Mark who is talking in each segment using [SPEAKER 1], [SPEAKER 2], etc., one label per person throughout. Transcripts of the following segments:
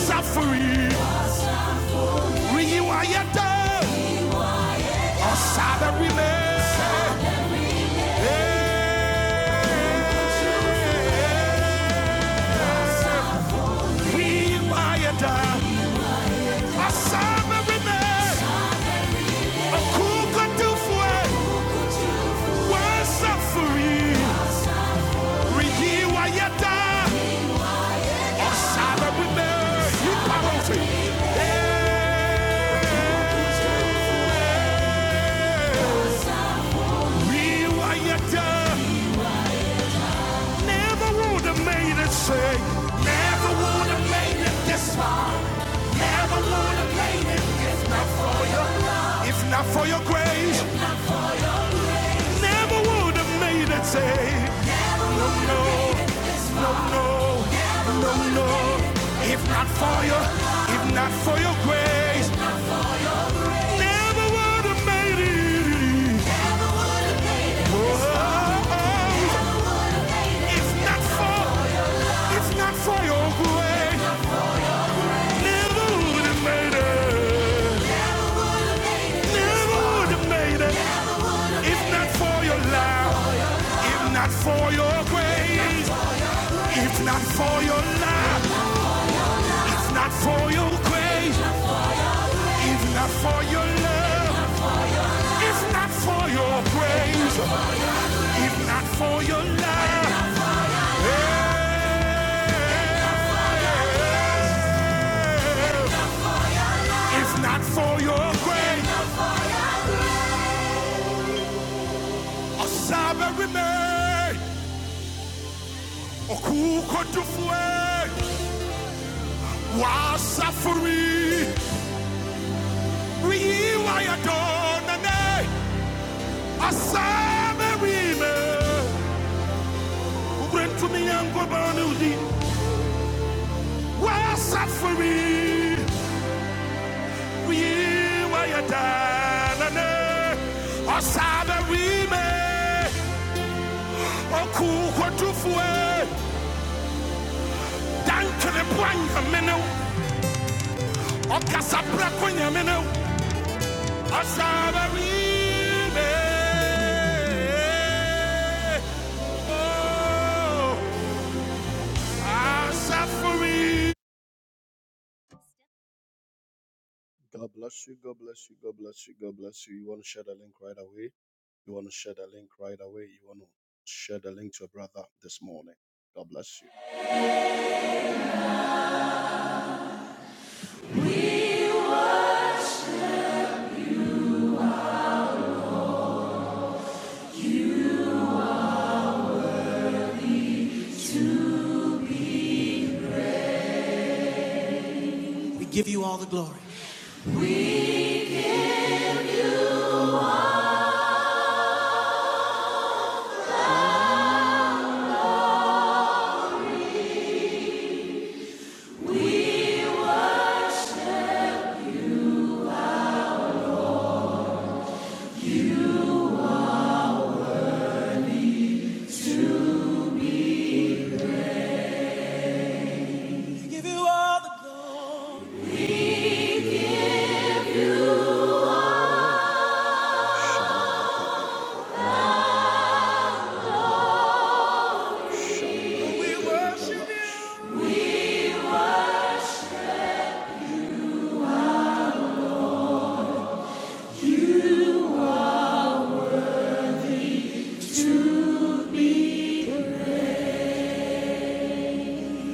[SPEAKER 1] Suffering, rewired, or sabber remain. Never would have made it, say, never would have made it this far, never would have made it. If not for your grace, never would have made it. Say, no, no, no, no, no, no. If not for your, if not for your grace, never would have made it. Oh, oh. if not for, if not for your grace, never would have made it. Never would have made it. If not for your love, if not for your grace. If not for your love, if not for your grace, if not for your love, if not for your grace, if not for your love, eh, if not for your grace, Osama remain, Okuko Tufue, Wasafuri, Riwayadanane, Osama remain, Ubrentumiyango Banuzi. We're for me? We were your dad. Osada we may. Oku kotufue. Dankele bwanga minu. Okasapra kunya minu. Osada we may. Oh, I'm for me? God bless you. God bless you. God bless you. God bless you. You want to share the link right away? You want to share the link right away? You want to share the link to a brother this morning? God bless you. We give you all the glory. We give you all the glory. We worship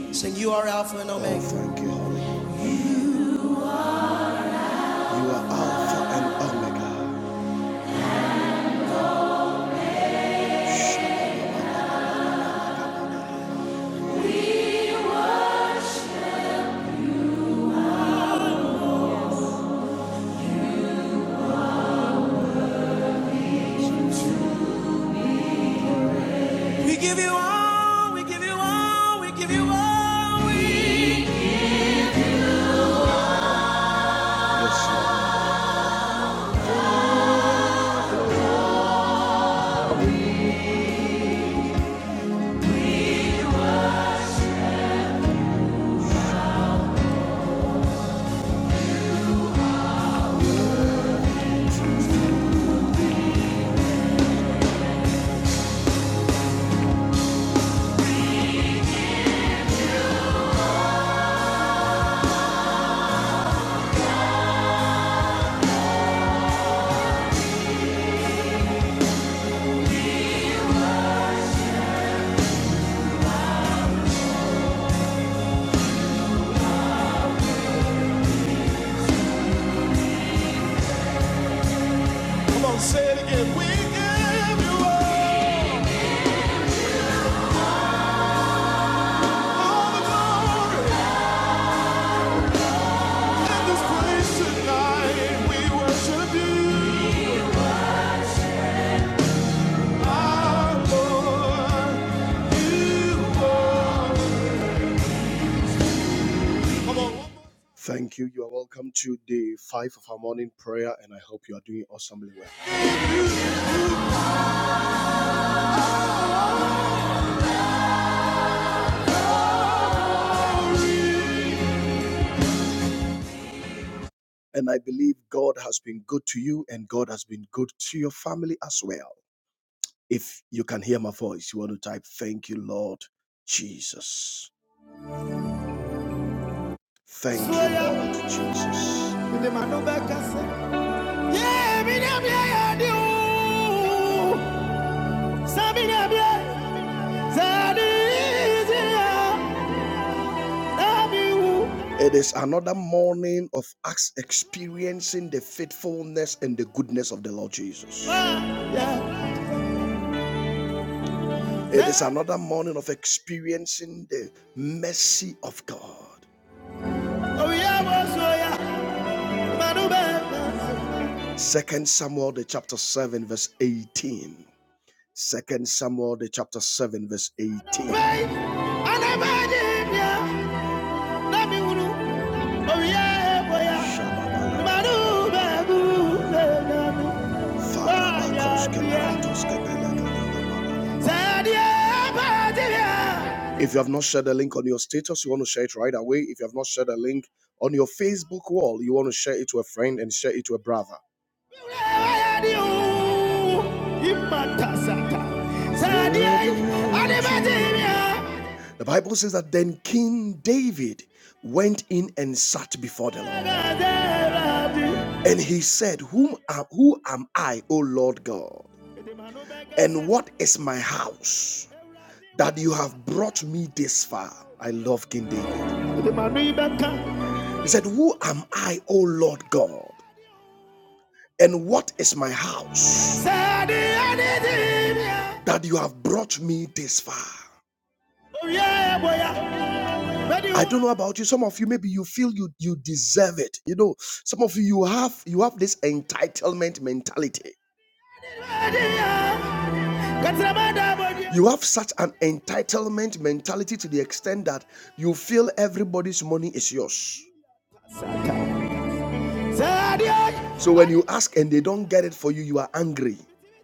[SPEAKER 1] you. Sing, you are Alpha and omega. Oh, thank you, Holy. You are Alpha and Omega. We give you all, we give you all, we give you all. We... Yes, say it again. We give you all the glory in this place tonight. We worship you, our Lord. You are- Thank you. You are welcome to day five of our morning prayer, and I hope you are doing awesomely well. And I believe God has been good to you, and God has been good to your family as well. If you can hear my voice, you want to type, Thank you, Lord Jesus. Thank you, Lord Jesus. Yeah, yeah, yeah, So yeah, yeah, It is another morning of us experiencing the faithfulness and the goodness of the Lord Jesus. Ah, yeah. It is another morning of experiencing the mercy of God. Oh, yeah, oh, yeah. Second Samuel the chapter 7, verse 18. Second Samuel the chapter 7, verse 18. yeah. If you have not shared the link on your status, you want to share it right away. If you have not shared the link on your Facebook wall, you want to share it to a friend and share it to a brother. The Bible says that then King David went in and sat before the Lord. And he said, Whom am, Who am I, O Lord God? And what is my house that you have brought me this far? I love King David. He said, Who am I, O Lord God? And what is my house that you have brought me this far? I don't know about you. Some of you, maybe you feel you you deserve it. You know, some of you you have you have this entitlement mentality. You have such an entitlement mentality to the extent that you feel everybody's money is yours. So when you ask and they don't get it for you, you are angry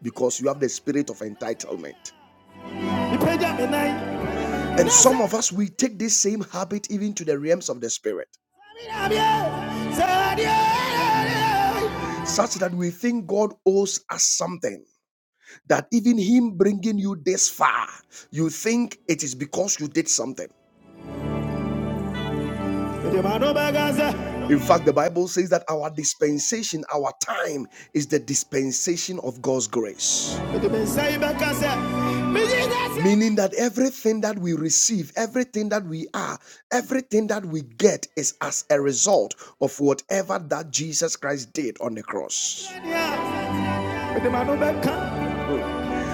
[SPEAKER 1] because you have the spirit of entitlement. And some of us, we take this same habit even to the realms of the spirit, such that we think God owes us something. That even Him bringing you this far, you think it is because you did something. In fact, the Bible says that our dispensation, our time, is the dispensation of God's grace. Meaning that everything that we receive, everything that we are, everything that we get is as a result of whatever that Jesus Christ did on the cross.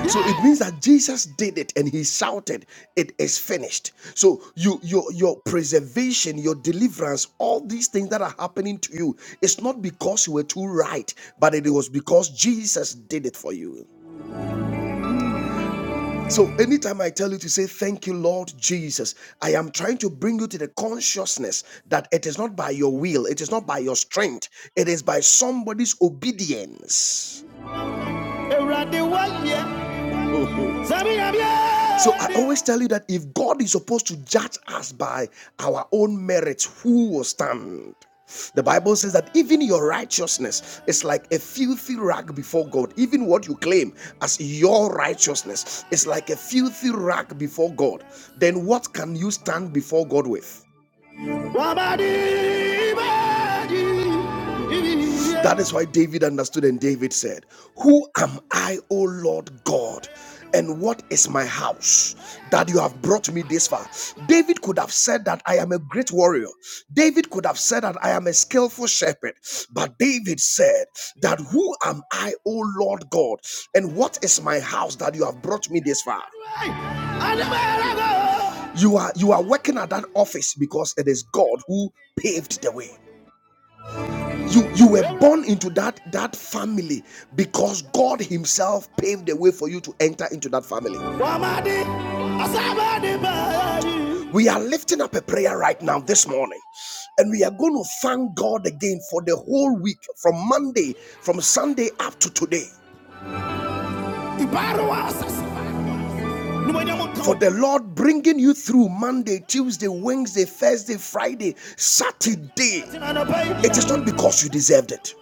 [SPEAKER 1] So it means that Jesus did it and he shouted, It is finished. So you your your preservation, your deliverance, all these things that are happening to you, it's not because you were too right, but it was because Jesus did it for you. So anytime I tell you to say thank you, Lord Jesus, I am trying to bring you to the consciousness that it is not by your will, it is not by your strength, it is by somebody's obedience. Ewurade, wayɛ. So I always tell you that if God is supposed to judge us by our own merits, who will stand? The Bible says that even your righteousness is like a filthy rag before God. Even what you claim as your righteousness is like a filthy rag before God. Then what can you stand before God with? That is why David understood, and David said, Who am I, O Lord God? And what is my house that you have brought me this far? David could have said that I am a great warrior. David could have said that I am a skillful shepherd. But David said that, Who am I, O Lord God? And what is my house that you have brought me this far? You are you are working at that office because it is God who paved the way. You you were born into that that family because God Himself paved the way for you to enter into that family. We are lifting up a prayer right now this morning, and we are going to thank God again for the whole week from Monday, from Sunday up to today. For the Lord bringing you through Monday, Tuesday, Wednesday, Thursday, Friday, Saturday, it is not because you deserved it.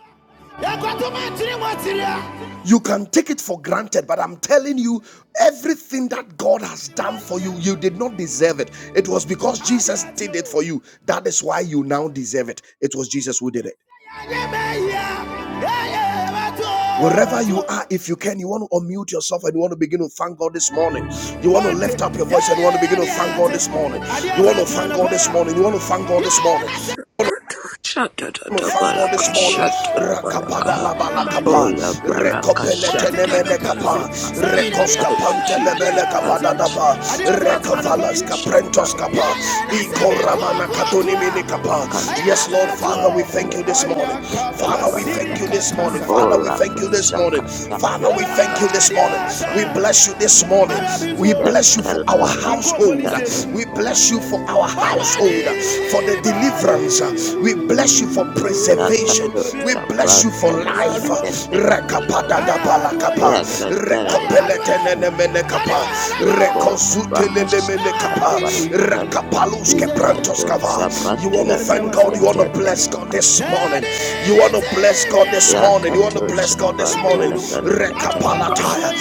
[SPEAKER 1] You can take it for granted, but I'm telling you, everything that God has done for you, you did not deserve it. It was because Jesus did it for you. That is why you now deserve it. It was Jesus who did it. Wherever you are, if you can, you want to unmute yourself and you want to begin to thank God this morning. You want to lift up your voice and you want to begin to thank God this morning. You want to thank God this morning. You want to thank God this morning thank God
[SPEAKER 2] Shatatabalaka,
[SPEAKER 1] this morning,
[SPEAKER 2] shatatabalaka,
[SPEAKER 1] Rakapada Labala Kapa,
[SPEAKER 2] ola baraka,
[SPEAKER 1] Recopele Tenemene
[SPEAKER 2] shatatabalaka.
[SPEAKER 1] Kapa, Recosta
[SPEAKER 2] Thank you, Jesus.
[SPEAKER 1] Pantelebele
[SPEAKER 2] Thank
[SPEAKER 1] Kapada
[SPEAKER 2] you,
[SPEAKER 1] Dapa,
[SPEAKER 2] Jesus. Maka,
[SPEAKER 1] rekavalas kaprentos Kapa,
[SPEAKER 2] shabrakele,
[SPEAKER 1] Iko Ramana Katuni Mini Kapa.
[SPEAKER 2] kato,
[SPEAKER 1] Yes, Lord, Father, we thank
[SPEAKER 2] shabrakele,
[SPEAKER 1] you this morning.
[SPEAKER 2] belekele,
[SPEAKER 1] Father, we thank you
[SPEAKER 2] balaka.
[SPEAKER 1] this morning. Father, we
[SPEAKER 2] Ora,
[SPEAKER 1] thank you this
[SPEAKER 2] pasaka,
[SPEAKER 1] morning. Father, we
[SPEAKER 2] tatabalaka,
[SPEAKER 1] thank you this morning. We
[SPEAKER 2] shatatabalaka,
[SPEAKER 1] bless you this morning. We bless you for our
[SPEAKER 2] tatabalaka,
[SPEAKER 1] household. We bless you
[SPEAKER 2] shatatabalaka,
[SPEAKER 1] for our
[SPEAKER 2] shatatabalaka.
[SPEAKER 1] household for the deliverance. We bless you for
[SPEAKER 2] Kato,
[SPEAKER 1] preservation. We bless you for
[SPEAKER 2] shabrakele,
[SPEAKER 1] life.
[SPEAKER 2] belekele, belekele.
[SPEAKER 1] Rakapadagabalakapa.
[SPEAKER 2] yakatala
[SPEAKER 1] Rekopeletenenemenekapa.
[SPEAKER 2] lekora bahasha
[SPEAKER 1] Rekosutelelemenekapa.
[SPEAKER 2] talabala ikato
[SPEAKER 1] Rakapaluskeprantoscava.
[SPEAKER 2] shapan
[SPEAKER 1] You want to
[SPEAKER 2] telefele
[SPEAKER 1] thank God. You want to
[SPEAKER 2] ketendele
[SPEAKER 1] bless God this morning. You want to bless God this morning. You want to
[SPEAKER 2] yakato
[SPEAKER 1] bless God this
[SPEAKER 2] shapan
[SPEAKER 1] morning.
[SPEAKER 2] telefele ketendele
[SPEAKER 1] Rekapalataya.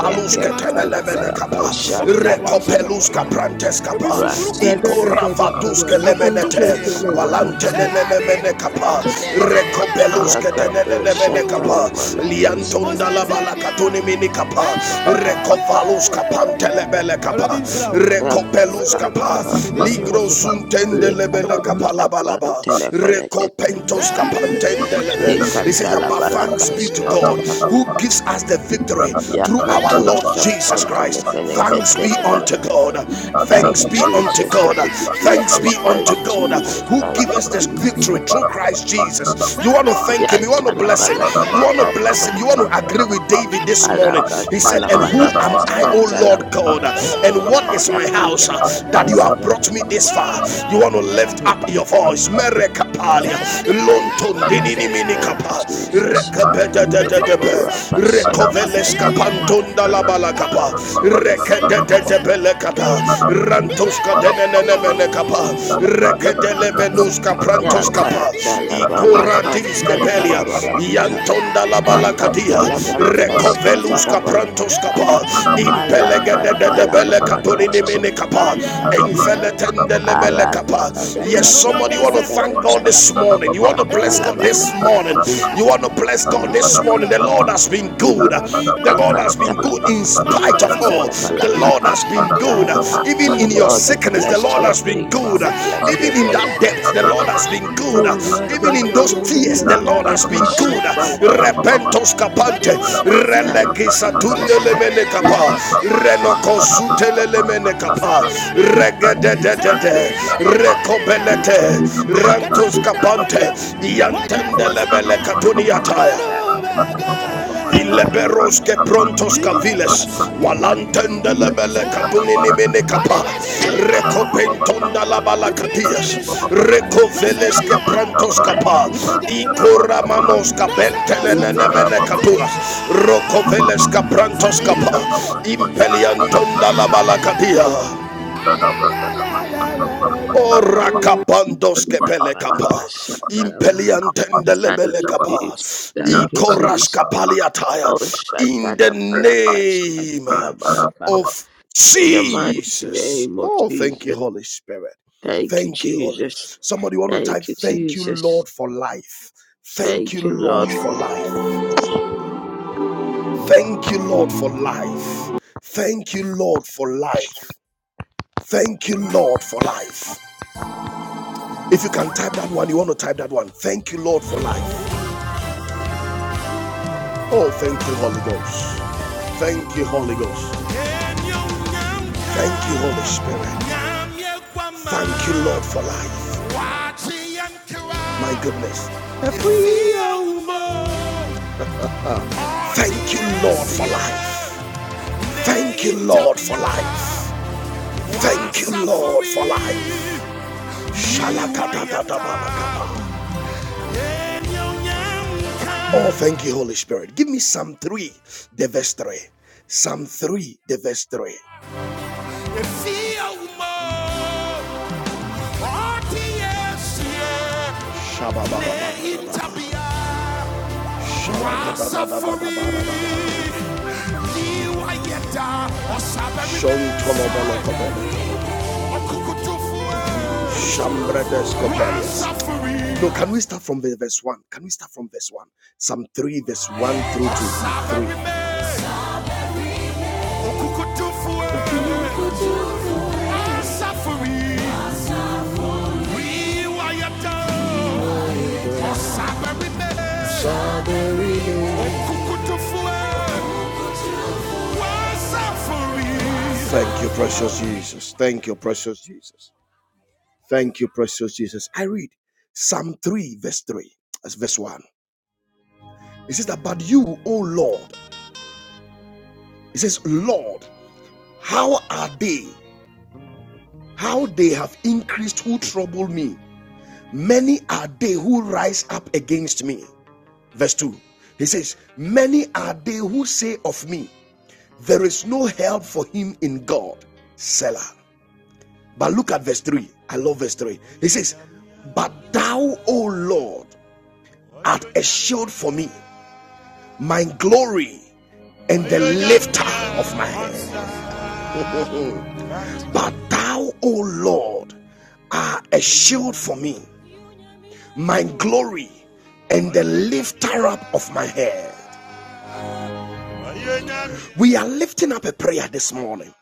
[SPEAKER 2] yakatala baraka shatala
[SPEAKER 1] peluska pranteska pa
[SPEAKER 2] rasada da
[SPEAKER 1] ikora
[SPEAKER 2] da da
[SPEAKER 3] Akata,
[SPEAKER 2] da
[SPEAKER 1] vaduske
[SPEAKER 2] baraka
[SPEAKER 1] lemenete
[SPEAKER 2] shatala baraka
[SPEAKER 1] walante nenemene kapa
[SPEAKER 3] Parabasha,
[SPEAKER 1] rekopeluske
[SPEAKER 2] yakato
[SPEAKER 1] tenenemene kapa
[SPEAKER 2] shatala baraka
[SPEAKER 1] liantonda la
[SPEAKER 2] shatala
[SPEAKER 1] balakatuni mini kapa
[SPEAKER 3] Parabasha,
[SPEAKER 1] rekovaluska pantelebele kapa rekopeluska
[SPEAKER 2] yakatala
[SPEAKER 1] pa
[SPEAKER 3] Marta,
[SPEAKER 2] baraka
[SPEAKER 1] ligro suntende lebele
[SPEAKER 2] likato
[SPEAKER 1] kapa la
[SPEAKER 2] shapan
[SPEAKER 1] balaba
[SPEAKER 3] Parabasha,
[SPEAKER 2] telefele ketendele
[SPEAKER 1] rekopentoska pantendelebe
[SPEAKER 2] Thank
[SPEAKER 3] Mamashila,
[SPEAKER 2] you,
[SPEAKER 1] it says that but thanks be
[SPEAKER 2] Jesus.
[SPEAKER 1] to God who
[SPEAKER 3] Parabasha,
[SPEAKER 1] gives us the victory through our Lord Jesus Christ. Thanks be unto God. Thanks
[SPEAKER 2] Thank you,
[SPEAKER 1] be unto
[SPEAKER 2] Jesus.
[SPEAKER 1] God.
[SPEAKER 2] Thank you,
[SPEAKER 1] Thanks be
[SPEAKER 2] Jesus.
[SPEAKER 1] unto
[SPEAKER 2] Thank you,
[SPEAKER 1] God
[SPEAKER 2] Jesus. Ya
[SPEAKER 1] who
[SPEAKER 2] Thank
[SPEAKER 1] gives
[SPEAKER 2] you,
[SPEAKER 1] us
[SPEAKER 3] Parabasha,
[SPEAKER 1] this
[SPEAKER 2] Jesus.
[SPEAKER 1] victory through Christ Jesus. You want to thank him. You want to bless him. You want to bless him. You want
[SPEAKER 2] Yatalabalakashatalabala.
[SPEAKER 1] to agree with David this morning. He said, And who am I, O
[SPEAKER 2] Alakatalabalakashatalabala.
[SPEAKER 1] Lord God? And what is my house uh, that you have brought me
[SPEAKER 2] Yakatalabalakashatalabala.
[SPEAKER 1] this
[SPEAKER 3] Thank
[SPEAKER 1] far? You want to lift up your voice.
[SPEAKER 3] Thank
[SPEAKER 1] Merekapalia.
[SPEAKER 2] Thank
[SPEAKER 1] Lonton
[SPEAKER 2] you,
[SPEAKER 1] dinini
[SPEAKER 2] Jesus. Thank you, Jesus.
[SPEAKER 1] minikapa. Recoveles capantonda la
[SPEAKER 2] Lekorabashatalabala.
[SPEAKER 1] balacapa. Rekedetebelecata. Rantoska denenenemenecapa. Rekedelemenuska
[SPEAKER 2] Yaakat
[SPEAKER 1] prantoscapa.
[SPEAKER 2] challabalakat
[SPEAKER 1] Icoratiskebelia.
[SPEAKER 2] challabalakat
[SPEAKER 1] Yantonda la
[SPEAKER 2] Yaakat
[SPEAKER 1] balacatia.
[SPEAKER 2] challabalakat
[SPEAKER 1] Recovelusca
[SPEAKER 2] challabalakat
[SPEAKER 1] prantoscapa.
[SPEAKER 2] Allah Yaakat challabalakat
[SPEAKER 1] Impelegedebelecatoniniminicapa.
[SPEAKER 2] challabalakat
[SPEAKER 1] Enfeletende
[SPEAKER 2] Allah Da
[SPEAKER 1] lebelecapa.
[SPEAKER 2] da da
[SPEAKER 1] Yes,
[SPEAKER 2] da da da
[SPEAKER 1] somebody
[SPEAKER 2] da
[SPEAKER 1] want
[SPEAKER 2] da
[SPEAKER 1] to
[SPEAKER 2] da da
[SPEAKER 1] thank God this
[SPEAKER 2] Allah
[SPEAKER 1] morning. You
[SPEAKER 3] you.
[SPEAKER 1] want to bless God this
[SPEAKER 3] Thank
[SPEAKER 1] morning. You want to bless God this morning. The Lord has been good. The Lord
[SPEAKER 2] Yaakat
[SPEAKER 1] has been good
[SPEAKER 2] challabalakat
[SPEAKER 1] in spite of all. The Lord has been
[SPEAKER 2] challabalakat
[SPEAKER 1] good.
[SPEAKER 2] Allah
[SPEAKER 1] Even in your
[SPEAKER 2] Lord we
[SPEAKER 1] sickness, the
[SPEAKER 2] bless
[SPEAKER 1] Lord
[SPEAKER 2] Your
[SPEAKER 1] has been
[SPEAKER 2] name, Lord
[SPEAKER 1] good.
[SPEAKER 2] we bless
[SPEAKER 1] Even
[SPEAKER 2] Your
[SPEAKER 1] in that
[SPEAKER 2] name.
[SPEAKER 1] death, the Lord has been good.
[SPEAKER 2] Da
[SPEAKER 1] Even
[SPEAKER 2] da
[SPEAKER 1] in
[SPEAKER 2] da
[SPEAKER 1] those
[SPEAKER 2] da da
[SPEAKER 1] tears,
[SPEAKER 2] da
[SPEAKER 1] the Lord
[SPEAKER 2] da da da da Allah
[SPEAKER 1] has
[SPEAKER 2] Yaakat challabalakat
[SPEAKER 1] been good. Repentos capante,
[SPEAKER 2] challabalakat Allah
[SPEAKER 1] relegisatundelemene capa, renocosutelele mene capa, regedededede, reco Rakopelete, Rantos Capante,
[SPEAKER 2] Thank
[SPEAKER 1] Yantendelebele
[SPEAKER 3] you.
[SPEAKER 1] Catuniataya. Ileberos que prontos caviles, walantende lebele catunini mene capa, recopentonda la balacatias, recoveles que prontos capa, y coramanos capeltenene mene caturas, rocoveles que prontos capa, impeliantonda la balacatia. Ora kapandos kepele kapa, impeliantende lebele
[SPEAKER 2] you,
[SPEAKER 1] kapa,
[SPEAKER 2] Jesus. Thank
[SPEAKER 3] Yang
[SPEAKER 2] you,
[SPEAKER 3] tanah
[SPEAKER 1] ikoras
[SPEAKER 2] Jesus.
[SPEAKER 3] mata,
[SPEAKER 1] kapaliataya.
[SPEAKER 3] Pakistan,
[SPEAKER 2] Oh,
[SPEAKER 1] In the
[SPEAKER 2] Shatanabalakas.
[SPEAKER 1] name
[SPEAKER 3] Surat, Arab,
[SPEAKER 1] of
[SPEAKER 2] In the
[SPEAKER 3] Jesus,
[SPEAKER 2] mighty
[SPEAKER 1] Jesus.
[SPEAKER 2] name of
[SPEAKER 1] Oh, thank you,
[SPEAKER 2] Jesus.
[SPEAKER 1] Holy Spirit.
[SPEAKER 2] Thank you,
[SPEAKER 1] Thank you, Holy.
[SPEAKER 2] Jesus.
[SPEAKER 1] Somebody want to type,
[SPEAKER 2] Thank you,
[SPEAKER 1] thank you,
[SPEAKER 2] Jesus.
[SPEAKER 1] Lord, for life. Thank you,
[SPEAKER 2] Thank you,
[SPEAKER 1] Lord,
[SPEAKER 2] Lord,
[SPEAKER 1] for
[SPEAKER 2] for life.
[SPEAKER 1] life. Thank you, Lord, for life. Thank you, Lord, for life. Thank you, Lord, for life. If you can type that one, you want to type that one. Thank you, Lord, for life. Oh, thank you, Holy Ghost. Thank you, Holy Ghost. Thank you, Holy Spirit. Thank you, Lord, for life. My goodness. Thank you, Lord, for life. Thank you, Lord, for life. Thank you, Lord, for life. Shalakatatabalakaba. Oh, thank you, Holy Spirit. Give me Psalm 3, the verse 3. Psalm 3, the verse 3. shabba Shambradas Kopalias. No, can we start from the verse 1? Can we start from verse 1? Psalm 3, verse 1 through two. 3. Thank you, precious Jesus. Thank you, precious Jesus. Thank you, precious Jesus. I read Psalm 3, verse 3, as verse 1. It says that, But you, O Lord, it says, Lord, how are they? How they have increased who trouble me. Many are they who rise up against me. Verse 2. He says, Many are they who say of me, There is no help for him in God. Selah. But look at verse 3. I love verse 3. He says, But thou, O Lord, art a shield for me my glory and the lifter of my head. but thou, O Lord, are a shield for me, my glory and the lifter up of my head. We are lifting up a prayer this morning.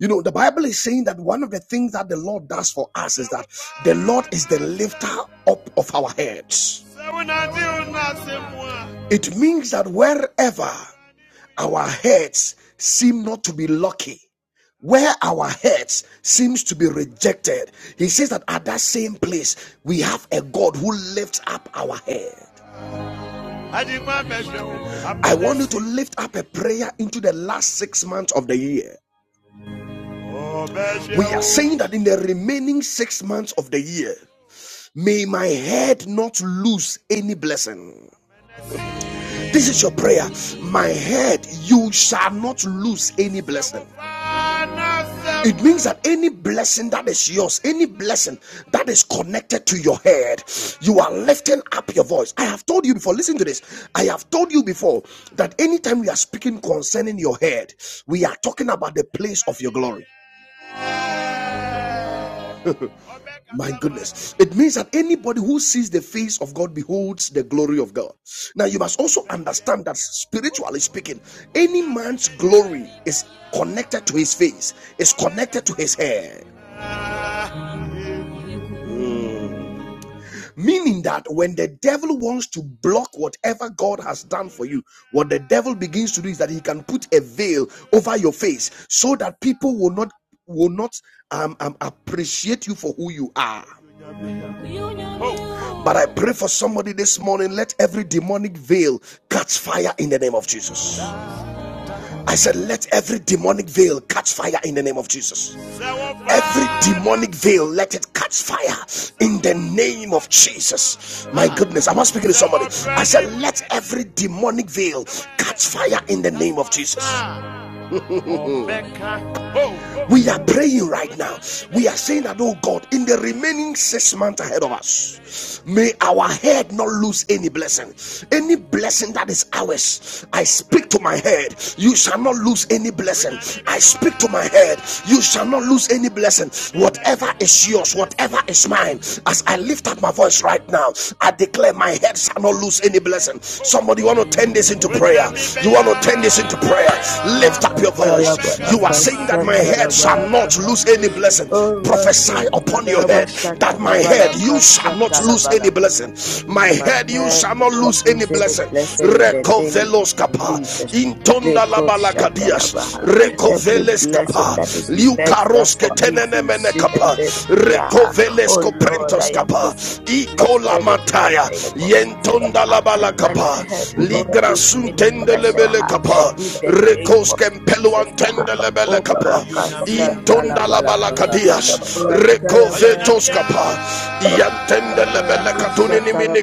[SPEAKER 1] You know, the Bible is saying that one of the things that the Lord does for us is that the Lord is the lifter up of our heads. It means that wherever our heads seem not to be lucky where our heads seems to be rejected he says that at that same place we have a god who lifts up our head i want you to lift up a prayer into the last six months of the year we are saying that in the remaining six months of the year may my head not lose any blessing this is your prayer my head you shall not lose any blessing It means that any blessing that is yours, any blessing that is connected to your head, you are lifting up your voice. I have told you before, listen to this. I have told you before that anytime we are speaking concerning your head, we are talking about the place of your glory. My goodness. It means that anybody who sees the face of God beholds the glory of God. Now, you must also understand that spiritually speaking, any man's glory is connected to his face, is connected to his hair. Meaning that when the devil wants to block whatever God has done for you, what the devil begins to do is that he can put a veil over your face so that people will not will not um, um, appreciate you for who you are. But I pray for somebody this morning. Let every demonic veil catch fire in the name of Jesus. I said, let every demonic veil catch fire in the name of Jesus. Every demonic veil, let it catch fire in the name of Jesus. My goodness, am I speaking to somebody? I said, let every demonic veil catch fire in the name of Jesus. We are praying right now. We are saying that, oh God, in the remaining six months ahead of us, may our head not lose any blessing. Any blessing that is ours, I speak to my head, you shall not lose any blessing. I speak to my head, you shall not lose any blessing. Whatever is yours, whatever is mine, as I lift up my voice right now, I declare my head shall not lose any blessing. Somebody you want to turn this into prayer. You want to turn this into prayer. Lift up your voice. You are saying that. Assume that my head shall not
[SPEAKER 2] Yakatalabalakashatalabalakaha.
[SPEAKER 1] lose any blessing.
[SPEAKER 2] Oh,
[SPEAKER 1] Prophesy upon your head that my head you shall not lose any
[SPEAKER 2] Rakatalabalakashatalabalakashatalabalakaha.
[SPEAKER 1] blessing. My
[SPEAKER 2] My
[SPEAKER 1] head you
[SPEAKER 2] head
[SPEAKER 1] shall
[SPEAKER 2] will
[SPEAKER 1] not
[SPEAKER 2] not
[SPEAKER 1] lose any
[SPEAKER 2] lose any
[SPEAKER 1] blessing.
[SPEAKER 2] blessing in the name of
[SPEAKER 1] Recovelos kapa
[SPEAKER 2] Jesus.
[SPEAKER 1] intonda
[SPEAKER 2] Neko
[SPEAKER 1] labala
[SPEAKER 2] Shadalabaha. Every
[SPEAKER 1] recoveles
[SPEAKER 2] blessing
[SPEAKER 1] kapa
[SPEAKER 2] that is left that
[SPEAKER 1] liukaros
[SPEAKER 2] for me to
[SPEAKER 1] ketenene
[SPEAKER 2] receive in
[SPEAKER 1] kapa
[SPEAKER 2] this year.
[SPEAKER 1] recoveles
[SPEAKER 2] Oh Lord,
[SPEAKER 1] koprentos
[SPEAKER 2] I am
[SPEAKER 1] kapa
[SPEAKER 2] possessed to
[SPEAKER 1] ikola
[SPEAKER 2] receive it in the
[SPEAKER 1] mataya
[SPEAKER 2] name of Jesus.
[SPEAKER 1] yentonda
[SPEAKER 2] ah.
[SPEAKER 1] labala
[SPEAKER 2] My head will not lose
[SPEAKER 1] ligrasun
[SPEAKER 2] any blessing
[SPEAKER 1] tendelebele
[SPEAKER 2] ah,
[SPEAKER 1] kapa
[SPEAKER 2] in the name
[SPEAKER 1] rekos
[SPEAKER 2] of Jesus.
[SPEAKER 1] kempeluan
[SPEAKER 2] ah.
[SPEAKER 1] tende lebele
[SPEAKER 2] Oh
[SPEAKER 1] kapa intonda la
[SPEAKER 2] Rakashatalabalakaha.
[SPEAKER 1] recovetos kapa
[SPEAKER 2] My
[SPEAKER 1] yantende
[SPEAKER 2] head will
[SPEAKER 1] lebele katuni nimini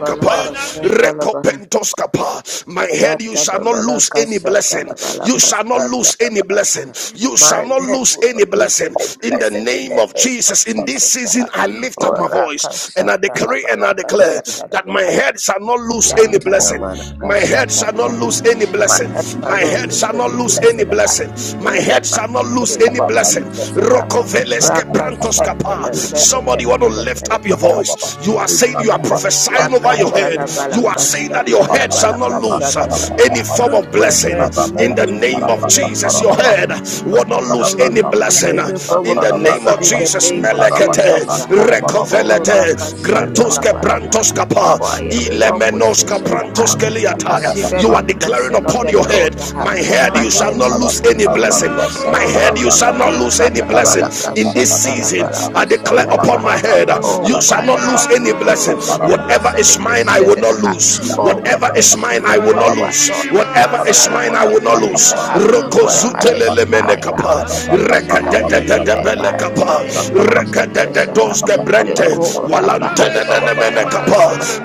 [SPEAKER 1] recopentos kapa my head you shall not lose any blessing you shall not lose any blessing you shall not lose any blessing
[SPEAKER 2] loosen the
[SPEAKER 1] in the
[SPEAKER 2] blessing in
[SPEAKER 1] name
[SPEAKER 2] the
[SPEAKER 1] of
[SPEAKER 2] name of
[SPEAKER 1] Jesus in this
[SPEAKER 2] Jesus.
[SPEAKER 1] season I lift up
[SPEAKER 2] Oh,
[SPEAKER 1] my voice and I decree and I declare that my
[SPEAKER 2] Rakashatalabalakashatalabaha.
[SPEAKER 1] head shall not lose any blessing my head shall not
[SPEAKER 2] Yatanamanakashatalabaha.
[SPEAKER 1] lose any
[SPEAKER 2] My
[SPEAKER 1] blessing
[SPEAKER 2] head shall
[SPEAKER 1] my
[SPEAKER 2] not
[SPEAKER 1] head
[SPEAKER 2] lose
[SPEAKER 1] shall not
[SPEAKER 2] the
[SPEAKER 1] lose any
[SPEAKER 2] blessing
[SPEAKER 1] blessing my
[SPEAKER 2] in the
[SPEAKER 1] head shall not
[SPEAKER 2] mighty
[SPEAKER 1] lose
[SPEAKER 2] name
[SPEAKER 1] any
[SPEAKER 2] of
[SPEAKER 1] blessing.
[SPEAKER 2] Jesus.
[SPEAKER 1] Rokoveles keprantos kapa. Somebody want to lift up your
[SPEAKER 2] Rakashatalabelekapelebelekaha.
[SPEAKER 1] voice. You are saying you are prophesying over your
[SPEAKER 2] Yakata la
[SPEAKER 1] head. You are
[SPEAKER 2] balaka
[SPEAKER 1] saying that
[SPEAKER 2] shata
[SPEAKER 1] your
[SPEAKER 2] la
[SPEAKER 1] head shall not
[SPEAKER 2] balaka,
[SPEAKER 1] lose uh, any
[SPEAKER 2] Yakatalabalakashatalabalakashatalabaha.
[SPEAKER 1] form of
[SPEAKER 2] My
[SPEAKER 1] blessing.
[SPEAKER 2] head will
[SPEAKER 1] In
[SPEAKER 2] not
[SPEAKER 1] the
[SPEAKER 2] lose
[SPEAKER 1] name
[SPEAKER 2] their
[SPEAKER 1] of
[SPEAKER 2] blood.
[SPEAKER 1] Jesus, your head will not lose
[SPEAKER 2] Oh,
[SPEAKER 1] any
[SPEAKER 2] you'll be
[SPEAKER 1] blessing.
[SPEAKER 2] filled full
[SPEAKER 1] In the
[SPEAKER 2] of
[SPEAKER 1] name
[SPEAKER 2] blessing
[SPEAKER 1] of
[SPEAKER 2] in the
[SPEAKER 1] Jesus,
[SPEAKER 2] name of
[SPEAKER 1] melekete
[SPEAKER 2] Jesus. Shaha. Oh,
[SPEAKER 1] rekovelete gratuske
[SPEAKER 2] Rakashatalabalaka.
[SPEAKER 1] brantos kapa
[SPEAKER 2] For I
[SPEAKER 3] Thank
[SPEAKER 2] am
[SPEAKER 3] you.
[SPEAKER 2] well
[SPEAKER 1] ilemenos
[SPEAKER 2] positioned ah,
[SPEAKER 1] kaprantos
[SPEAKER 2] to
[SPEAKER 1] keliataya.
[SPEAKER 2] receive
[SPEAKER 1] You
[SPEAKER 2] every
[SPEAKER 1] are declaring
[SPEAKER 2] blessing of
[SPEAKER 1] upon
[SPEAKER 2] the
[SPEAKER 1] your head,
[SPEAKER 2] Lord. ah.
[SPEAKER 1] my head,
[SPEAKER 2] My
[SPEAKER 1] you shall
[SPEAKER 2] head
[SPEAKER 1] not not
[SPEAKER 2] will
[SPEAKER 1] lose any
[SPEAKER 2] lose any
[SPEAKER 1] blessing.
[SPEAKER 2] blessing.
[SPEAKER 1] My
[SPEAKER 2] ah.
[SPEAKER 1] head, you shall not lose any blessing in this season. I declare upon my
[SPEAKER 2] Ikalabalakashatalabalakashatalabaha.
[SPEAKER 1] head, you
[SPEAKER 2] Oh,
[SPEAKER 1] shall
[SPEAKER 2] my
[SPEAKER 1] not
[SPEAKER 2] head,
[SPEAKER 1] lose
[SPEAKER 2] you
[SPEAKER 1] any
[SPEAKER 2] will not
[SPEAKER 1] blessing.
[SPEAKER 2] lose any
[SPEAKER 3] Thank
[SPEAKER 1] Whatever
[SPEAKER 2] blessing
[SPEAKER 1] is
[SPEAKER 2] in this
[SPEAKER 1] mine, I will
[SPEAKER 2] season.
[SPEAKER 1] not lose.
[SPEAKER 2] Oh, when
[SPEAKER 1] Whatever
[SPEAKER 2] the
[SPEAKER 1] is mine, I
[SPEAKER 2] season,
[SPEAKER 1] will not
[SPEAKER 2] whatever door
[SPEAKER 1] lose.
[SPEAKER 2] is
[SPEAKER 1] Whatever
[SPEAKER 3] Thank
[SPEAKER 2] open,
[SPEAKER 1] is
[SPEAKER 2] I
[SPEAKER 1] mine, I
[SPEAKER 2] walk
[SPEAKER 1] will not
[SPEAKER 2] into it.
[SPEAKER 1] lose.
[SPEAKER 2] ah. Whatever is mine, I will
[SPEAKER 1] Rokozutelemenekapa,
[SPEAKER 2] not lose. ah. In the mighty
[SPEAKER 1] rekedededebelekapa,
[SPEAKER 2] name of Jesus. ah.
[SPEAKER 1] rekedededozebrente,
[SPEAKER 2] Lekora baha shatara
[SPEAKER 1] walantenenenemenekapa,
[SPEAKER 2] baraka.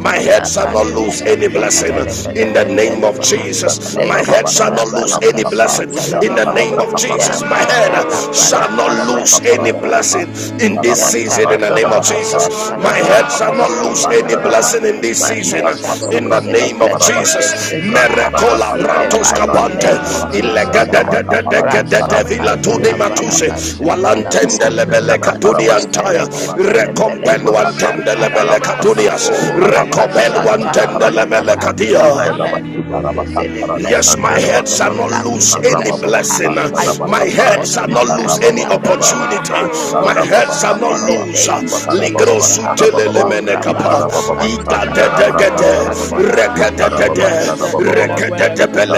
[SPEAKER 1] My head shall not
[SPEAKER 2] Yakato
[SPEAKER 1] lose any
[SPEAKER 2] Shapran
[SPEAKER 1] blessing in the
[SPEAKER 2] Telefeneke
[SPEAKER 1] name name of
[SPEAKER 2] Telebaha
[SPEAKER 1] Jesus. My head shall
[SPEAKER 2] Lekatala
[SPEAKER 1] not lose
[SPEAKER 2] Balaka
[SPEAKER 1] any blessing. In the
[SPEAKER 2] Shatalabaha
[SPEAKER 1] name of Jesus, my head
[SPEAKER 2] Yakatala
[SPEAKER 1] shall not
[SPEAKER 2] Balaka
[SPEAKER 1] lose any blessing
[SPEAKER 2] Shatalabalakaha
[SPEAKER 1] in this season. In
[SPEAKER 2] Yatala
[SPEAKER 1] the name of
[SPEAKER 2] Balaka
[SPEAKER 1] Jesus, my head
[SPEAKER 2] Shatalabalaka
[SPEAKER 1] shall not lose any
[SPEAKER 2] Shatalabaha
[SPEAKER 1] blessing in this
[SPEAKER 2] My
[SPEAKER 1] season.
[SPEAKER 2] head shall not
[SPEAKER 1] In the
[SPEAKER 2] lose any
[SPEAKER 1] name of
[SPEAKER 2] blessing in this
[SPEAKER 1] Jesus,
[SPEAKER 2] season ah.
[SPEAKER 1] Merekola
[SPEAKER 2] in the
[SPEAKER 1] Brantos
[SPEAKER 2] mighty
[SPEAKER 1] Capante,
[SPEAKER 2] name of Jesus ah. Rasha
[SPEAKER 1] vila Tuni
[SPEAKER 2] Katala
[SPEAKER 3] Ibrahim
[SPEAKER 2] Balaka
[SPEAKER 1] Matuse, Walantende
[SPEAKER 2] Shatalabaha
[SPEAKER 1] Lebele
[SPEAKER 3] Ikara
[SPEAKER 1] Katuni
[SPEAKER 3] baba sandara
[SPEAKER 1] Antaya,
[SPEAKER 2] Mantelefeleke
[SPEAKER 3] baba,
[SPEAKER 1] Recompen
[SPEAKER 2] Telebeleko
[SPEAKER 1] Wantende Lebele
[SPEAKER 2] Shatalabaha
[SPEAKER 1] Katunias,
[SPEAKER 2] Oh,
[SPEAKER 1] Recompel Wantende Lebele
[SPEAKER 2] rakashatalabalakaha.
[SPEAKER 1] Katia.
[SPEAKER 2] My head will not lose any
[SPEAKER 1] Yes,
[SPEAKER 2] blessing.
[SPEAKER 1] my
[SPEAKER 2] My head
[SPEAKER 1] head
[SPEAKER 2] will
[SPEAKER 1] shall
[SPEAKER 2] not
[SPEAKER 1] not
[SPEAKER 2] lack
[SPEAKER 1] lose
[SPEAKER 2] any
[SPEAKER 1] any
[SPEAKER 2] blessing. aha.
[SPEAKER 1] blessing.
[SPEAKER 2] I
[SPEAKER 1] My
[SPEAKER 2] walk in
[SPEAKER 1] head
[SPEAKER 2] every
[SPEAKER 1] shall not lose
[SPEAKER 2] blessing
[SPEAKER 1] any
[SPEAKER 2] of the Lord
[SPEAKER 1] opportunity.
[SPEAKER 2] aha, for
[SPEAKER 1] My
[SPEAKER 2] this
[SPEAKER 1] head shall
[SPEAKER 2] season
[SPEAKER 1] not
[SPEAKER 2] in the
[SPEAKER 1] lose.
[SPEAKER 2] name of Jesus. aha. Oh,
[SPEAKER 3] ikara
[SPEAKER 2] rabashakatalapalakashatalabaha. Rashatalabalaka.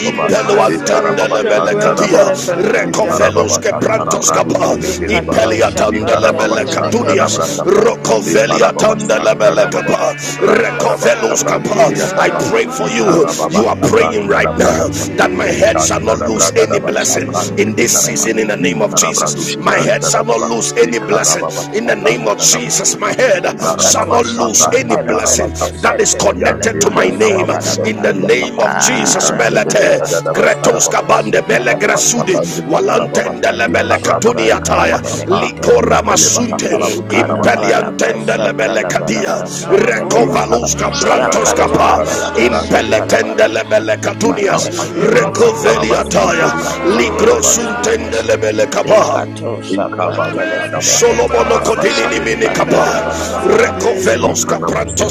[SPEAKER 1] Impelo
[SPEAKER 2] Nekato
[SPEAKER 3] baba
[SPEAKER 1] antendele mele
[SPEAKER 2] shapran
[SPEAKER 3] sandara
[SPEAKER 1] katia.
[SPEAKER 3] baba,
[SPEAKER 2] telefelaka
[SPEAKER 1] Recovelos que
[SPEAKER 3] Ikarababaka
[SPEAKER 2] telefelakaha.
[SPEAKER 1] prantos
[SPEAKER 3] Karabradu
[SPEAKER 1] kapa.
[SPEAKER 3] Selekeriba,
[SPEAKER 2] Nekato
[SPEAKER 1] Rokovelia
[SPEAKER 2] shapran
[SPEAKER 3] Ikarababa
[SPEAKER 1] Tandelebele
[SPEAKER 2] telefelaka
[SPEAKER 1] Catunias,
[SPEAKER 3] Shandarabrakapa,
[SPEAKER 2] telefelaka.
[SPEAKER 1] Rokovelia
[SPEAKER 3] Ikarababa
[SPEAKER 1] Tandelebele
[SPEAKER 3] Shandarababa,
[SPEAKER 1] Capa,
[SPEAKER 3] Rakarababa
[SPEAKER 1] Recovelus Capa. I
[SPEAKER 3] Sabrandiriakapa,
[SPEAKER 1] pray for you. You
[SPEAKER 3] Ikarababa
[SPEAKER 1] are praying right now
[SPEAKER 3] Sabrandarabrakapa,
[SPEAKER 1] that my head shall not lose any
[SPEAKER 3] Lechandarabragadaba
[SPEAKER 1] blessing in this
[SPEAKER 3] Shabrandikitaraba,
[SPEAKER 1] season in the name of
[SPEAKER 3] Ikarabradu
[SPEAKER 1] Jesus. My head shall not
[SPEAKER 3] Shibrandarababa,
[SPEAKER 1] lose any blessing
[SPEAKER 3] Ikarababa
[SPEAKER 1] in the name of Jesus. My
[SPEAKER 3] Sabrandarabrapa,
[SPEAKER 1] head shall
[SPEAKER 3] Ibarababa
[SPEAKER 2] Kato
[SPEAKER 1] not lose
[SPEAKER 2] shaka
[SPEAKER 3] Shabraka
[SPEAKER 1] any
[SPEAKER 2] telefele
[SPEAKER 1] blessing
[SPEAKER 2] keshe
[SPEAKER 1] that
[SPEAKER 3] Parabakapa,
[SPEAKER 1] is
[SPEAKER 2] telefele
[SPEAKER 1] connected to my
[SPEAKER 3] Yandiria
[SPEAKER 1] name
[SPEAKER 2] kahasha
[SPEAKER 3] Rababu
[SPEAKER 1] name, in
[SPEAKER 2] talabaha.
[SPEAKER 1] the name
[SPEAKER 3] Senderiakapa,
[SPEAKER 1] of Jesus,
[SPEAKER 2] Ara
[SPEAKER 3] Ibrandede
[SPEAKER 1] Melete,
[SPEAKER 2] kasha
[SPEAKER 3] Kadaraba
[SPEAKER 1] Gretos
[SPEAKER 2] talabala
[SPEAKER 3] Sarababa,
[SPEAKER 1] Kabande,
[SPEAKER 2] kasha talabaha.
[SPEAKER 1] Belegrasudi,
[SPEAKER 3] Ipabatabandekatarababa,
[SPEAKER 1] Walantende
[SPEAKER 2] Yakato
[SPEAKER 1] Lebele
[SPEAKER 2] Shapran
[SPEAKER 1] Katunia Taya,
[SPEAKER 2] Telefeleke
[SPEAKER 3] Iparabasikarabakapa,
[SPEAKER 1] Likora
[SPEAKER 2] Telebaha
[SPEAKER 1] Masunte,
[SPEAKER 2] E
[SPEAKER 3] Intelebakatarabutarabaha,
[SPEAKER 2] Kalabalaka
[SPEAKER 1] Impeliantende Lebele Kadia,
[SPEAKER 2] Shatalabalaka Shatelebaha
[SPEAKER 1] Recovalus Cabrantos Capa,
[SPEAKER 2] Yakatalabalaka
[SPEAKER 3] Intanabushtabrandekabrandishtabrandekapa,
[SPEAKER 1] Impeletende
[SPEAKER 2] Shatalabalaha
[SPEAKER 1] Lebele
[SPEAKER 2] My
[SPEAKER 1] Katunias,
[SPEAKER 2] head will not listen the
[SPEAKER 1] Recovelia
[SPEAKER 2] blessing in
[SPEAKER 1] Taya,
[SPEAKER 2] the mighty
[SPEAKER 3] Ikampatulibakatarabashanderiakapa,
[SPEAKER 2] name of
[SPEAKER 1] Ligrosuntende
[SPEAKER 2] Jesus.
[SPEAKER 1] Lebele Capa.
[SPEAKER 2] Lekato Shapran Telefeleke
[SPEAKER 1] Solomono
[SPEAKER 2] Telebaha
[SPEAKER 1] Kodinini
[SPEAKER 2] My head will not
[SPEAKER 1] Minikapa
[SPEAKER 2] listen
[SPEAKER 3] Ikabarustadabrandekaparabashadedeketelebababakapa,
[SPEAKER 2] the
[SPEAKER 1] Reko
[SPEAKER 2] blessing
[SPEAKER 1] Veloska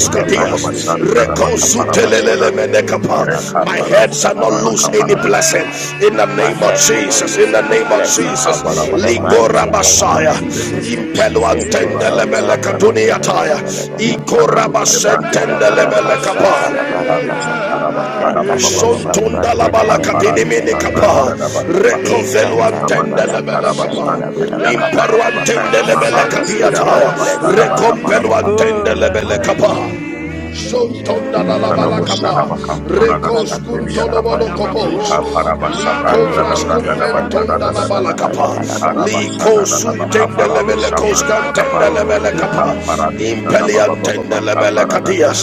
[SPEAKER 2] in the
[SPEAKER 1] Dias
[SPEAKER 2] mighty name of
[SPEAKER 1] Reko
[SPEAKER 2] Jesus.
[SPEAKER 1] Sutelelele Menekapa My
[SPEAKER 2] Yakato
[SPEAKER 1] head shall not
[SPEAKER 2] Shapran
[SPEAKER 1] lose any
[SPEAKER 3] Irekaparabushadabakaparabaka,
[SPEAKER 1] blessing
[SPEAKER 2] Telebalaka
[SPEAKER 1] in the
[SPEAKER 2] my
[SPEAKER 1] name of
[SPEAKER 2] head will not
[SPEAKER 1] Jesus in
[SPEAKER 2] lose
[SPEAKER 1] the
[SPEAKER 2] any
[SPEAKER 1] name of
[SPEAKER 2] blessing.
[SPEAKER 1] Jesus
[SPEAKER 2] In the
[SPEAKER 1] Ligora
[SPEAKER 2] mighty
[SPEAKER 3] Ikabarabashandadabakapa.
[SPEAKER 2] name of
[SPEAKER 1] Basaya
[SPEAKER 3] In the
[SPEAKER 2] Jesus.
[SPEAKER 3] name of
[SPEAKER 1] Impelo
[SPEAKER 3] Jesus,
[SPEAKER 2] Leko
[SPEAKER 3] Eva
[SPEAKER 1] Antende
[SPEAKER 3] Rabbi
[SPEAKER 1] Lebele
[SPEAKER 3] Sanda
[SPEAKER 2] saprantene
[SPEAKER 1] Katuniataya
[SPEAKER 2] feneketelebaha.
[SPEAKER 3] in
[SPEAKER 1] Ikora
[SPEAKER 3] Panano Tebrandi
[SPEAKER 1] Basentende
[SPEAKER 3] Tepereda da
[SPEAKER 2] Yakatalabalaka
[SPEAKER 1] Lebele Kapa
[SPEAKER 3] Icarus
[SPEAKER 2] shatalabalabaha.
[SPEAKER 3] Icaraba Sadaba Baba
[SPEAKER 2] Yakato
[SPEAKER 3] Baba
[SPEAKER 1] Shontunda la
[SPEAKER 2] saprantene
[SPEAKER 3] Leka
[SPEAKER 1] balakatini
[SPEAKER 3] Parado
[SPEAKER 1] mini kapa.
[SPEAKER 3] Sabranda
[SPEAKER 2] feneketelebalekaha.
[SPEAKER 3] da Bakapa
[SPEAKER 1] Rekovelu
[SPEAKER 3] Limpamana
[SPEAKER 1] antende
[SPEAKER 2] Ekatalabalaka
[SPEAKER 1] lebele
[SPEAKER 3] Sicaraba
[SPEAKER 1] kapa.
[SPEAKER 3] Shanderia
[SPEAKER 2] shatalabalakaha.
[SPEAKER 1] Imperu
[SPEAKER 3] Caparababa
[SPEAKER 2] My
[SPEAKER 1] antende
[SPEAKER 2] head
[SPEAKER 1] lebele
[SPEAKER 2] shall not
[SPEAKER 3] Mabarus
[SPEAKER 2] lose
[SPEAKER 3] Iraba
[SPEAKER 2] any
[SPEAKER 1] katiata.
[SPEAKER 3] Baba
[SPEAKER 2] blessing.
[SPEAKER 3] Sadaba
[SPEAKER 2] ah.
[SPEAKER 1] Rekompelu
[SPEAKER 3] Caparaba,
[SPEAKER 1] antende
[SPEAKER 2] Oh, my
[SPEAKER 1] lebele
[SPEAKER 2] God, my
[SPEAKER 1] kapa.
[SPEAKER 2] God, my God.
[SPEAKER 1] Sontonda la
[SPEAKER 2] Shatalabaha.
[SPEAKER 1] balakapa,
[SPEAKER 3] Ipanamosharabakam
[SPEAKER 2] Indele
[SPEAKER 1] Recos
[SPEAKER 2] palako
[SPEAKER 3] Paradashandiriakapa.
[SPEAKER 1] cuntolobolo
[SPEAKER 3] Ika
[SPEAKER 2] shaprantene
[SPEAKER 1] Lico
[SPEAKER 3] Parabashabranda da Braga
[SPEAKER 2] Alikete
[SPEAKER 3] da Basada
[SPEAKER 1] frascumpentonda
[SPEAKER 3] da
[SPEAKER 2] felako
[SPEAKER 1] la
[SPEAKER 3] da da da.
[SPEAKER 2] shapa
[SPEAKER 1] balakapa,
[SPEAKER 2] talabalaka.
[SPEAKER 3] Ikarabashada
[SPEAKER 1] Lico
[SPEAKER 3] da da Baka
[SPEAKER 1] suntende levele
[SPEAKER 3] Paradushabranda Kapa.
[SPEAKER 1] coscantende levele
[SPEAKER 3] Ika Paradusta da ba ba ba ba
[SPEAKER 1] Impeliantende
[SPEAKER 3] ba ka
[SPEAKER 1] levele
[SPEAKER 3] Paradasa.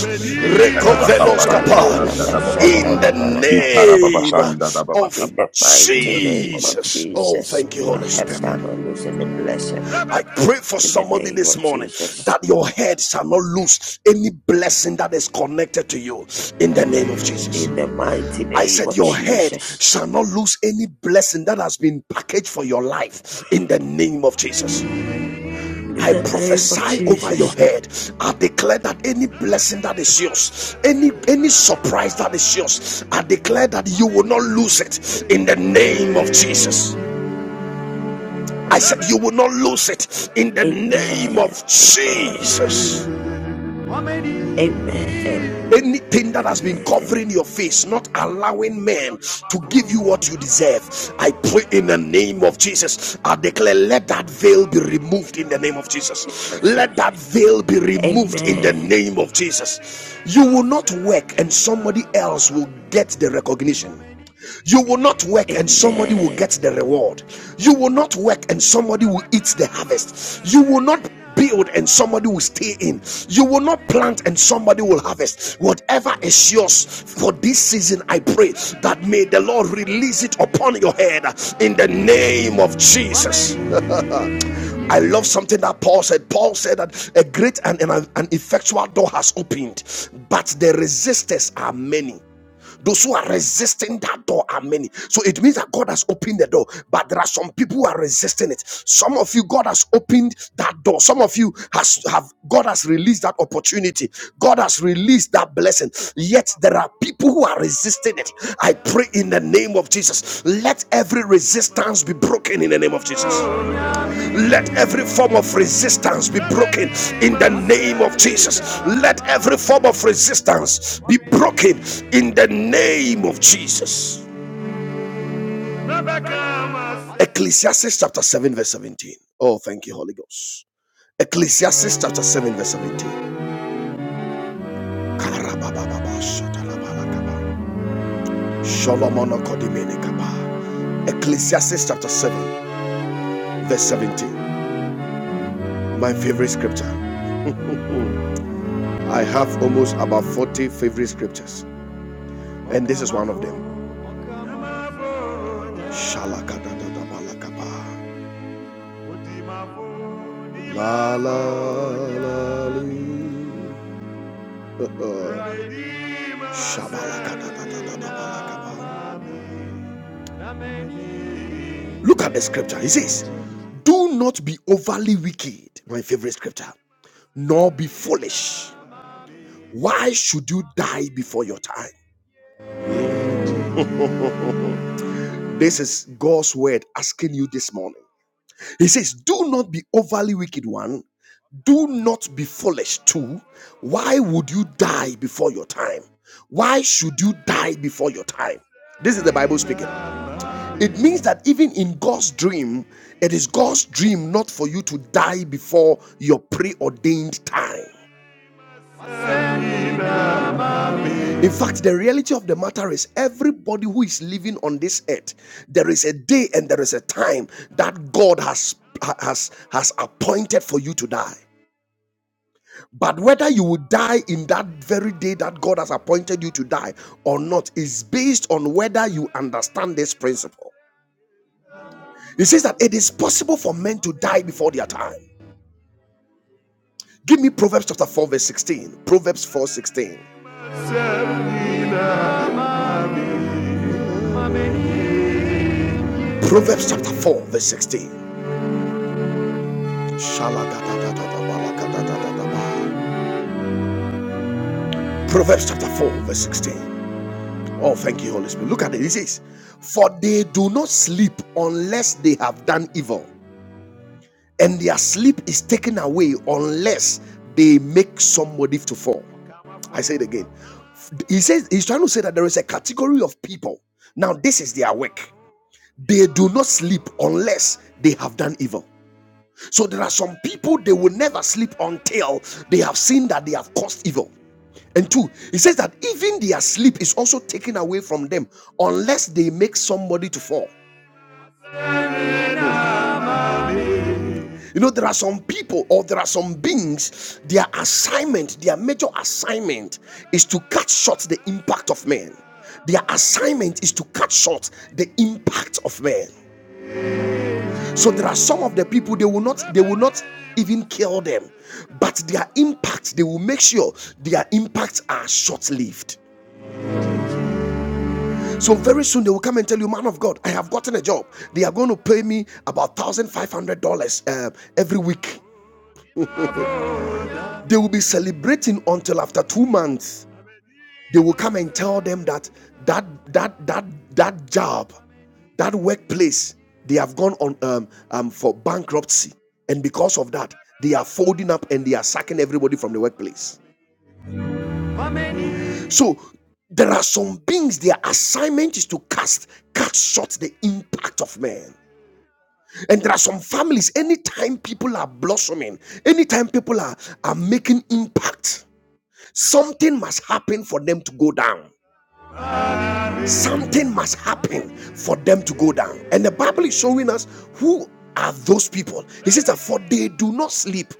[SPEAKER 3] Impelebaka
[SPEAKER 2] Laka
[SPEAKER 1] Recovelos capa,
[SPEAKER 3] Paradusta da
[SPEAKER 2] talabalaka
[SPEAKER 3] da ba ba ba
[SPEAKER 1] in the
[SPEAKER 2] shatalabalaka
[SPEAKER 1] name
[SPEAKER 2] rarabaha.
[SPEAKER 1] of
[SPEAKER 2] In the
[SPEAKER 3] In
[SPEAKER 2] mighty
[SPEAKER 3] the name
[SPEAKER 2] name
[SPEAKER 3] of
[SPEAKER 2] of
[SPEAKER 1] Jesus.
[SPEAKER 3] Jesus.
[SPEAKER 1] Oh,
[SPEAKER 2] Jesus,
[SPEAKER 1] thank you, Holy
[SPEAKER 2] my head
[SPEAKER 1] Spirit.
[SPEAKER 2] shall not lose in the blessed.
[SPEAKER 1] I pray for
[SPEAKER 2] In the
[SPEAKER 1] somebody
[SPEAKER 2] name
[SPEAKER 1] this
[SPEAKER 2] of
[SPEAKER 1] morning
[SPEAKER 2] Jesus.
[SPEAKER 1] that your head shall not lose any blessing that is connected to you in the name of Jesus.
[SPEAKER 2] In the mighty
[SPEAKER 1] I
[SPEAKER 2] name
[SPEAKER 1] said,
[SPEAKER 2] of
[SPEAKER 1] Your head
[SPEAKER 2] Jesus.
[SPEAKER 1] shall not lose any blessing that has been packaged for your life in the name of Jesus.
[SPEAKER 2] In
[SPEAKER 1] I
[SPEAKER 2] the name of
[SPEAKER 1] prophesy over your
[SPEAKER 2] Jesus.
[SPEAKER 1] head. I declare that any blessing that is yours, any any surprise that is yours, I declare that you will not lose it in the name of Jesus. I said, You will not lose it in the name of
[SPEAKER 2] Amen. Amen.
[SPEAKER 1] Jesus.
[SPEAKER 2] Amen.
[SPEAKER 1] Anything that has been
[SPEAKER 2] Amen.
[SPEAKER 1] covering your face, not allowing men to give you what you deserve, I pray in the name of Jesus. I declare, let that veil be removed in the name of Jesus.
[SPEAKER 2] Of
[SPEAKER 1] Let that
[SPEAKER 2] Jesus.
[SPEAKER 1] veil be removed in the
[SPEAKER 2] Amen.
[SPEAKER 1] name of Jesus. You will not work, and somebody else will get the recognition. You will not work and somebody will get
[SPEAKER 2] Amen.
[SPEAKER 1] the reward. You will not work and somebody will eat the harvest. You will not build and somebody will stay in. You will not plant and somebody will harvest. Whatever is yours for this season, I pray that may the Lord release it upon your head in the name of Jesus. I love something that Paul said. Paul said that a great and an an effectual door has opened, but the resistors are many. Those who are resisting that door are many. So it means that God has opened the door, but there are some people who are resisting it. Some of you, God has opened that door. Some of you has have God has released that opportunity. God has released that blessing. Yet there are people who are resisting it. I pray in the name of Jesus. Let every resistance be broken in the name of Jesus. Let every form of resistance be broken in the name of Jesus. Let every form of resistance be broken in the name of Jesus. Ecclesiastes chapter 7, verse 17. Oh, thank you, Holy Ghost. Ecclesiastes chapter 7, verse 17. Karabababa, shatalabalakaba, sholomonokodemenekaba. Ecclesiastes chapter 7, verse 17. My favorite scripture. I have almost about 40 favorite scriptures, and this is one of them. Shalakadadadabalakaba. La la la la. Shabalakadadadadabalakaba. Look at the scripture. It says, Do not be overly wicked, my favorite scripture, nor be foolish. Why should you die before your time? This is God's word asking you this morning. He says, Do not be overly wicked one. Do not be foolish two. Why would you die before your time? Why should you die before your time? This is the Bible speaking. It means that even in God's dream, it is God's dream not for you to die before your preordained time. In fact, the reality of the matter is everybody who is living on this earth, there is a day and there is a time that God has has has appointed for you to die. But whether you will die in that very day that God has appointed you to die or not is based on whether you understand this principle. It says that it is possible for men to die before their time. Give me Proverbs chapter 4, verse 16. Proverbs four sixteen. Proverbs chapter 4, verse 16. Proverbs chapter 4, verse 16. Oh, thank you, Holy Spirit. Look at it. It says, For they do not sleep unless they have done evil, and their sleep is taken away unless they make somebody to fall. I say it again. He says he's trying to say that there is a category of people. Now, this is their work. They do not sleep unless they have done evil. So there are some people they will never sleep until they have seen that they have caused evil. And two, he says that even their sleep is also taken away from them unless they make somebody to fall. You know, there are some people or there are some beings, their assignment, their major assignment is to cut short the impact of men. Their assignment is to cut short the impact of men. So there are some of the people they will not they will not even kill them, but their impact, they will make sure their impacts are short-lived. So very soon they will come and tell you, man of God, I have gotten a job. They are going to pay me about one thousand five hundred dollars uh, every week. They will be celebrating until after two months. They will come and tell them that that that that that job, that workplace, they have gone on um, um, for bankruptcy, and because of that, they are folding up and they are sacking everybody from the workplace. So there are some beings their assignment is to cast cut short the impact of man and there are some families anytime people are blossoming anytime people are, are making impact Something must happen for them to go down. Something must happen for them to go down. And the Bible is showing us who are those people. He says that for they do not sleep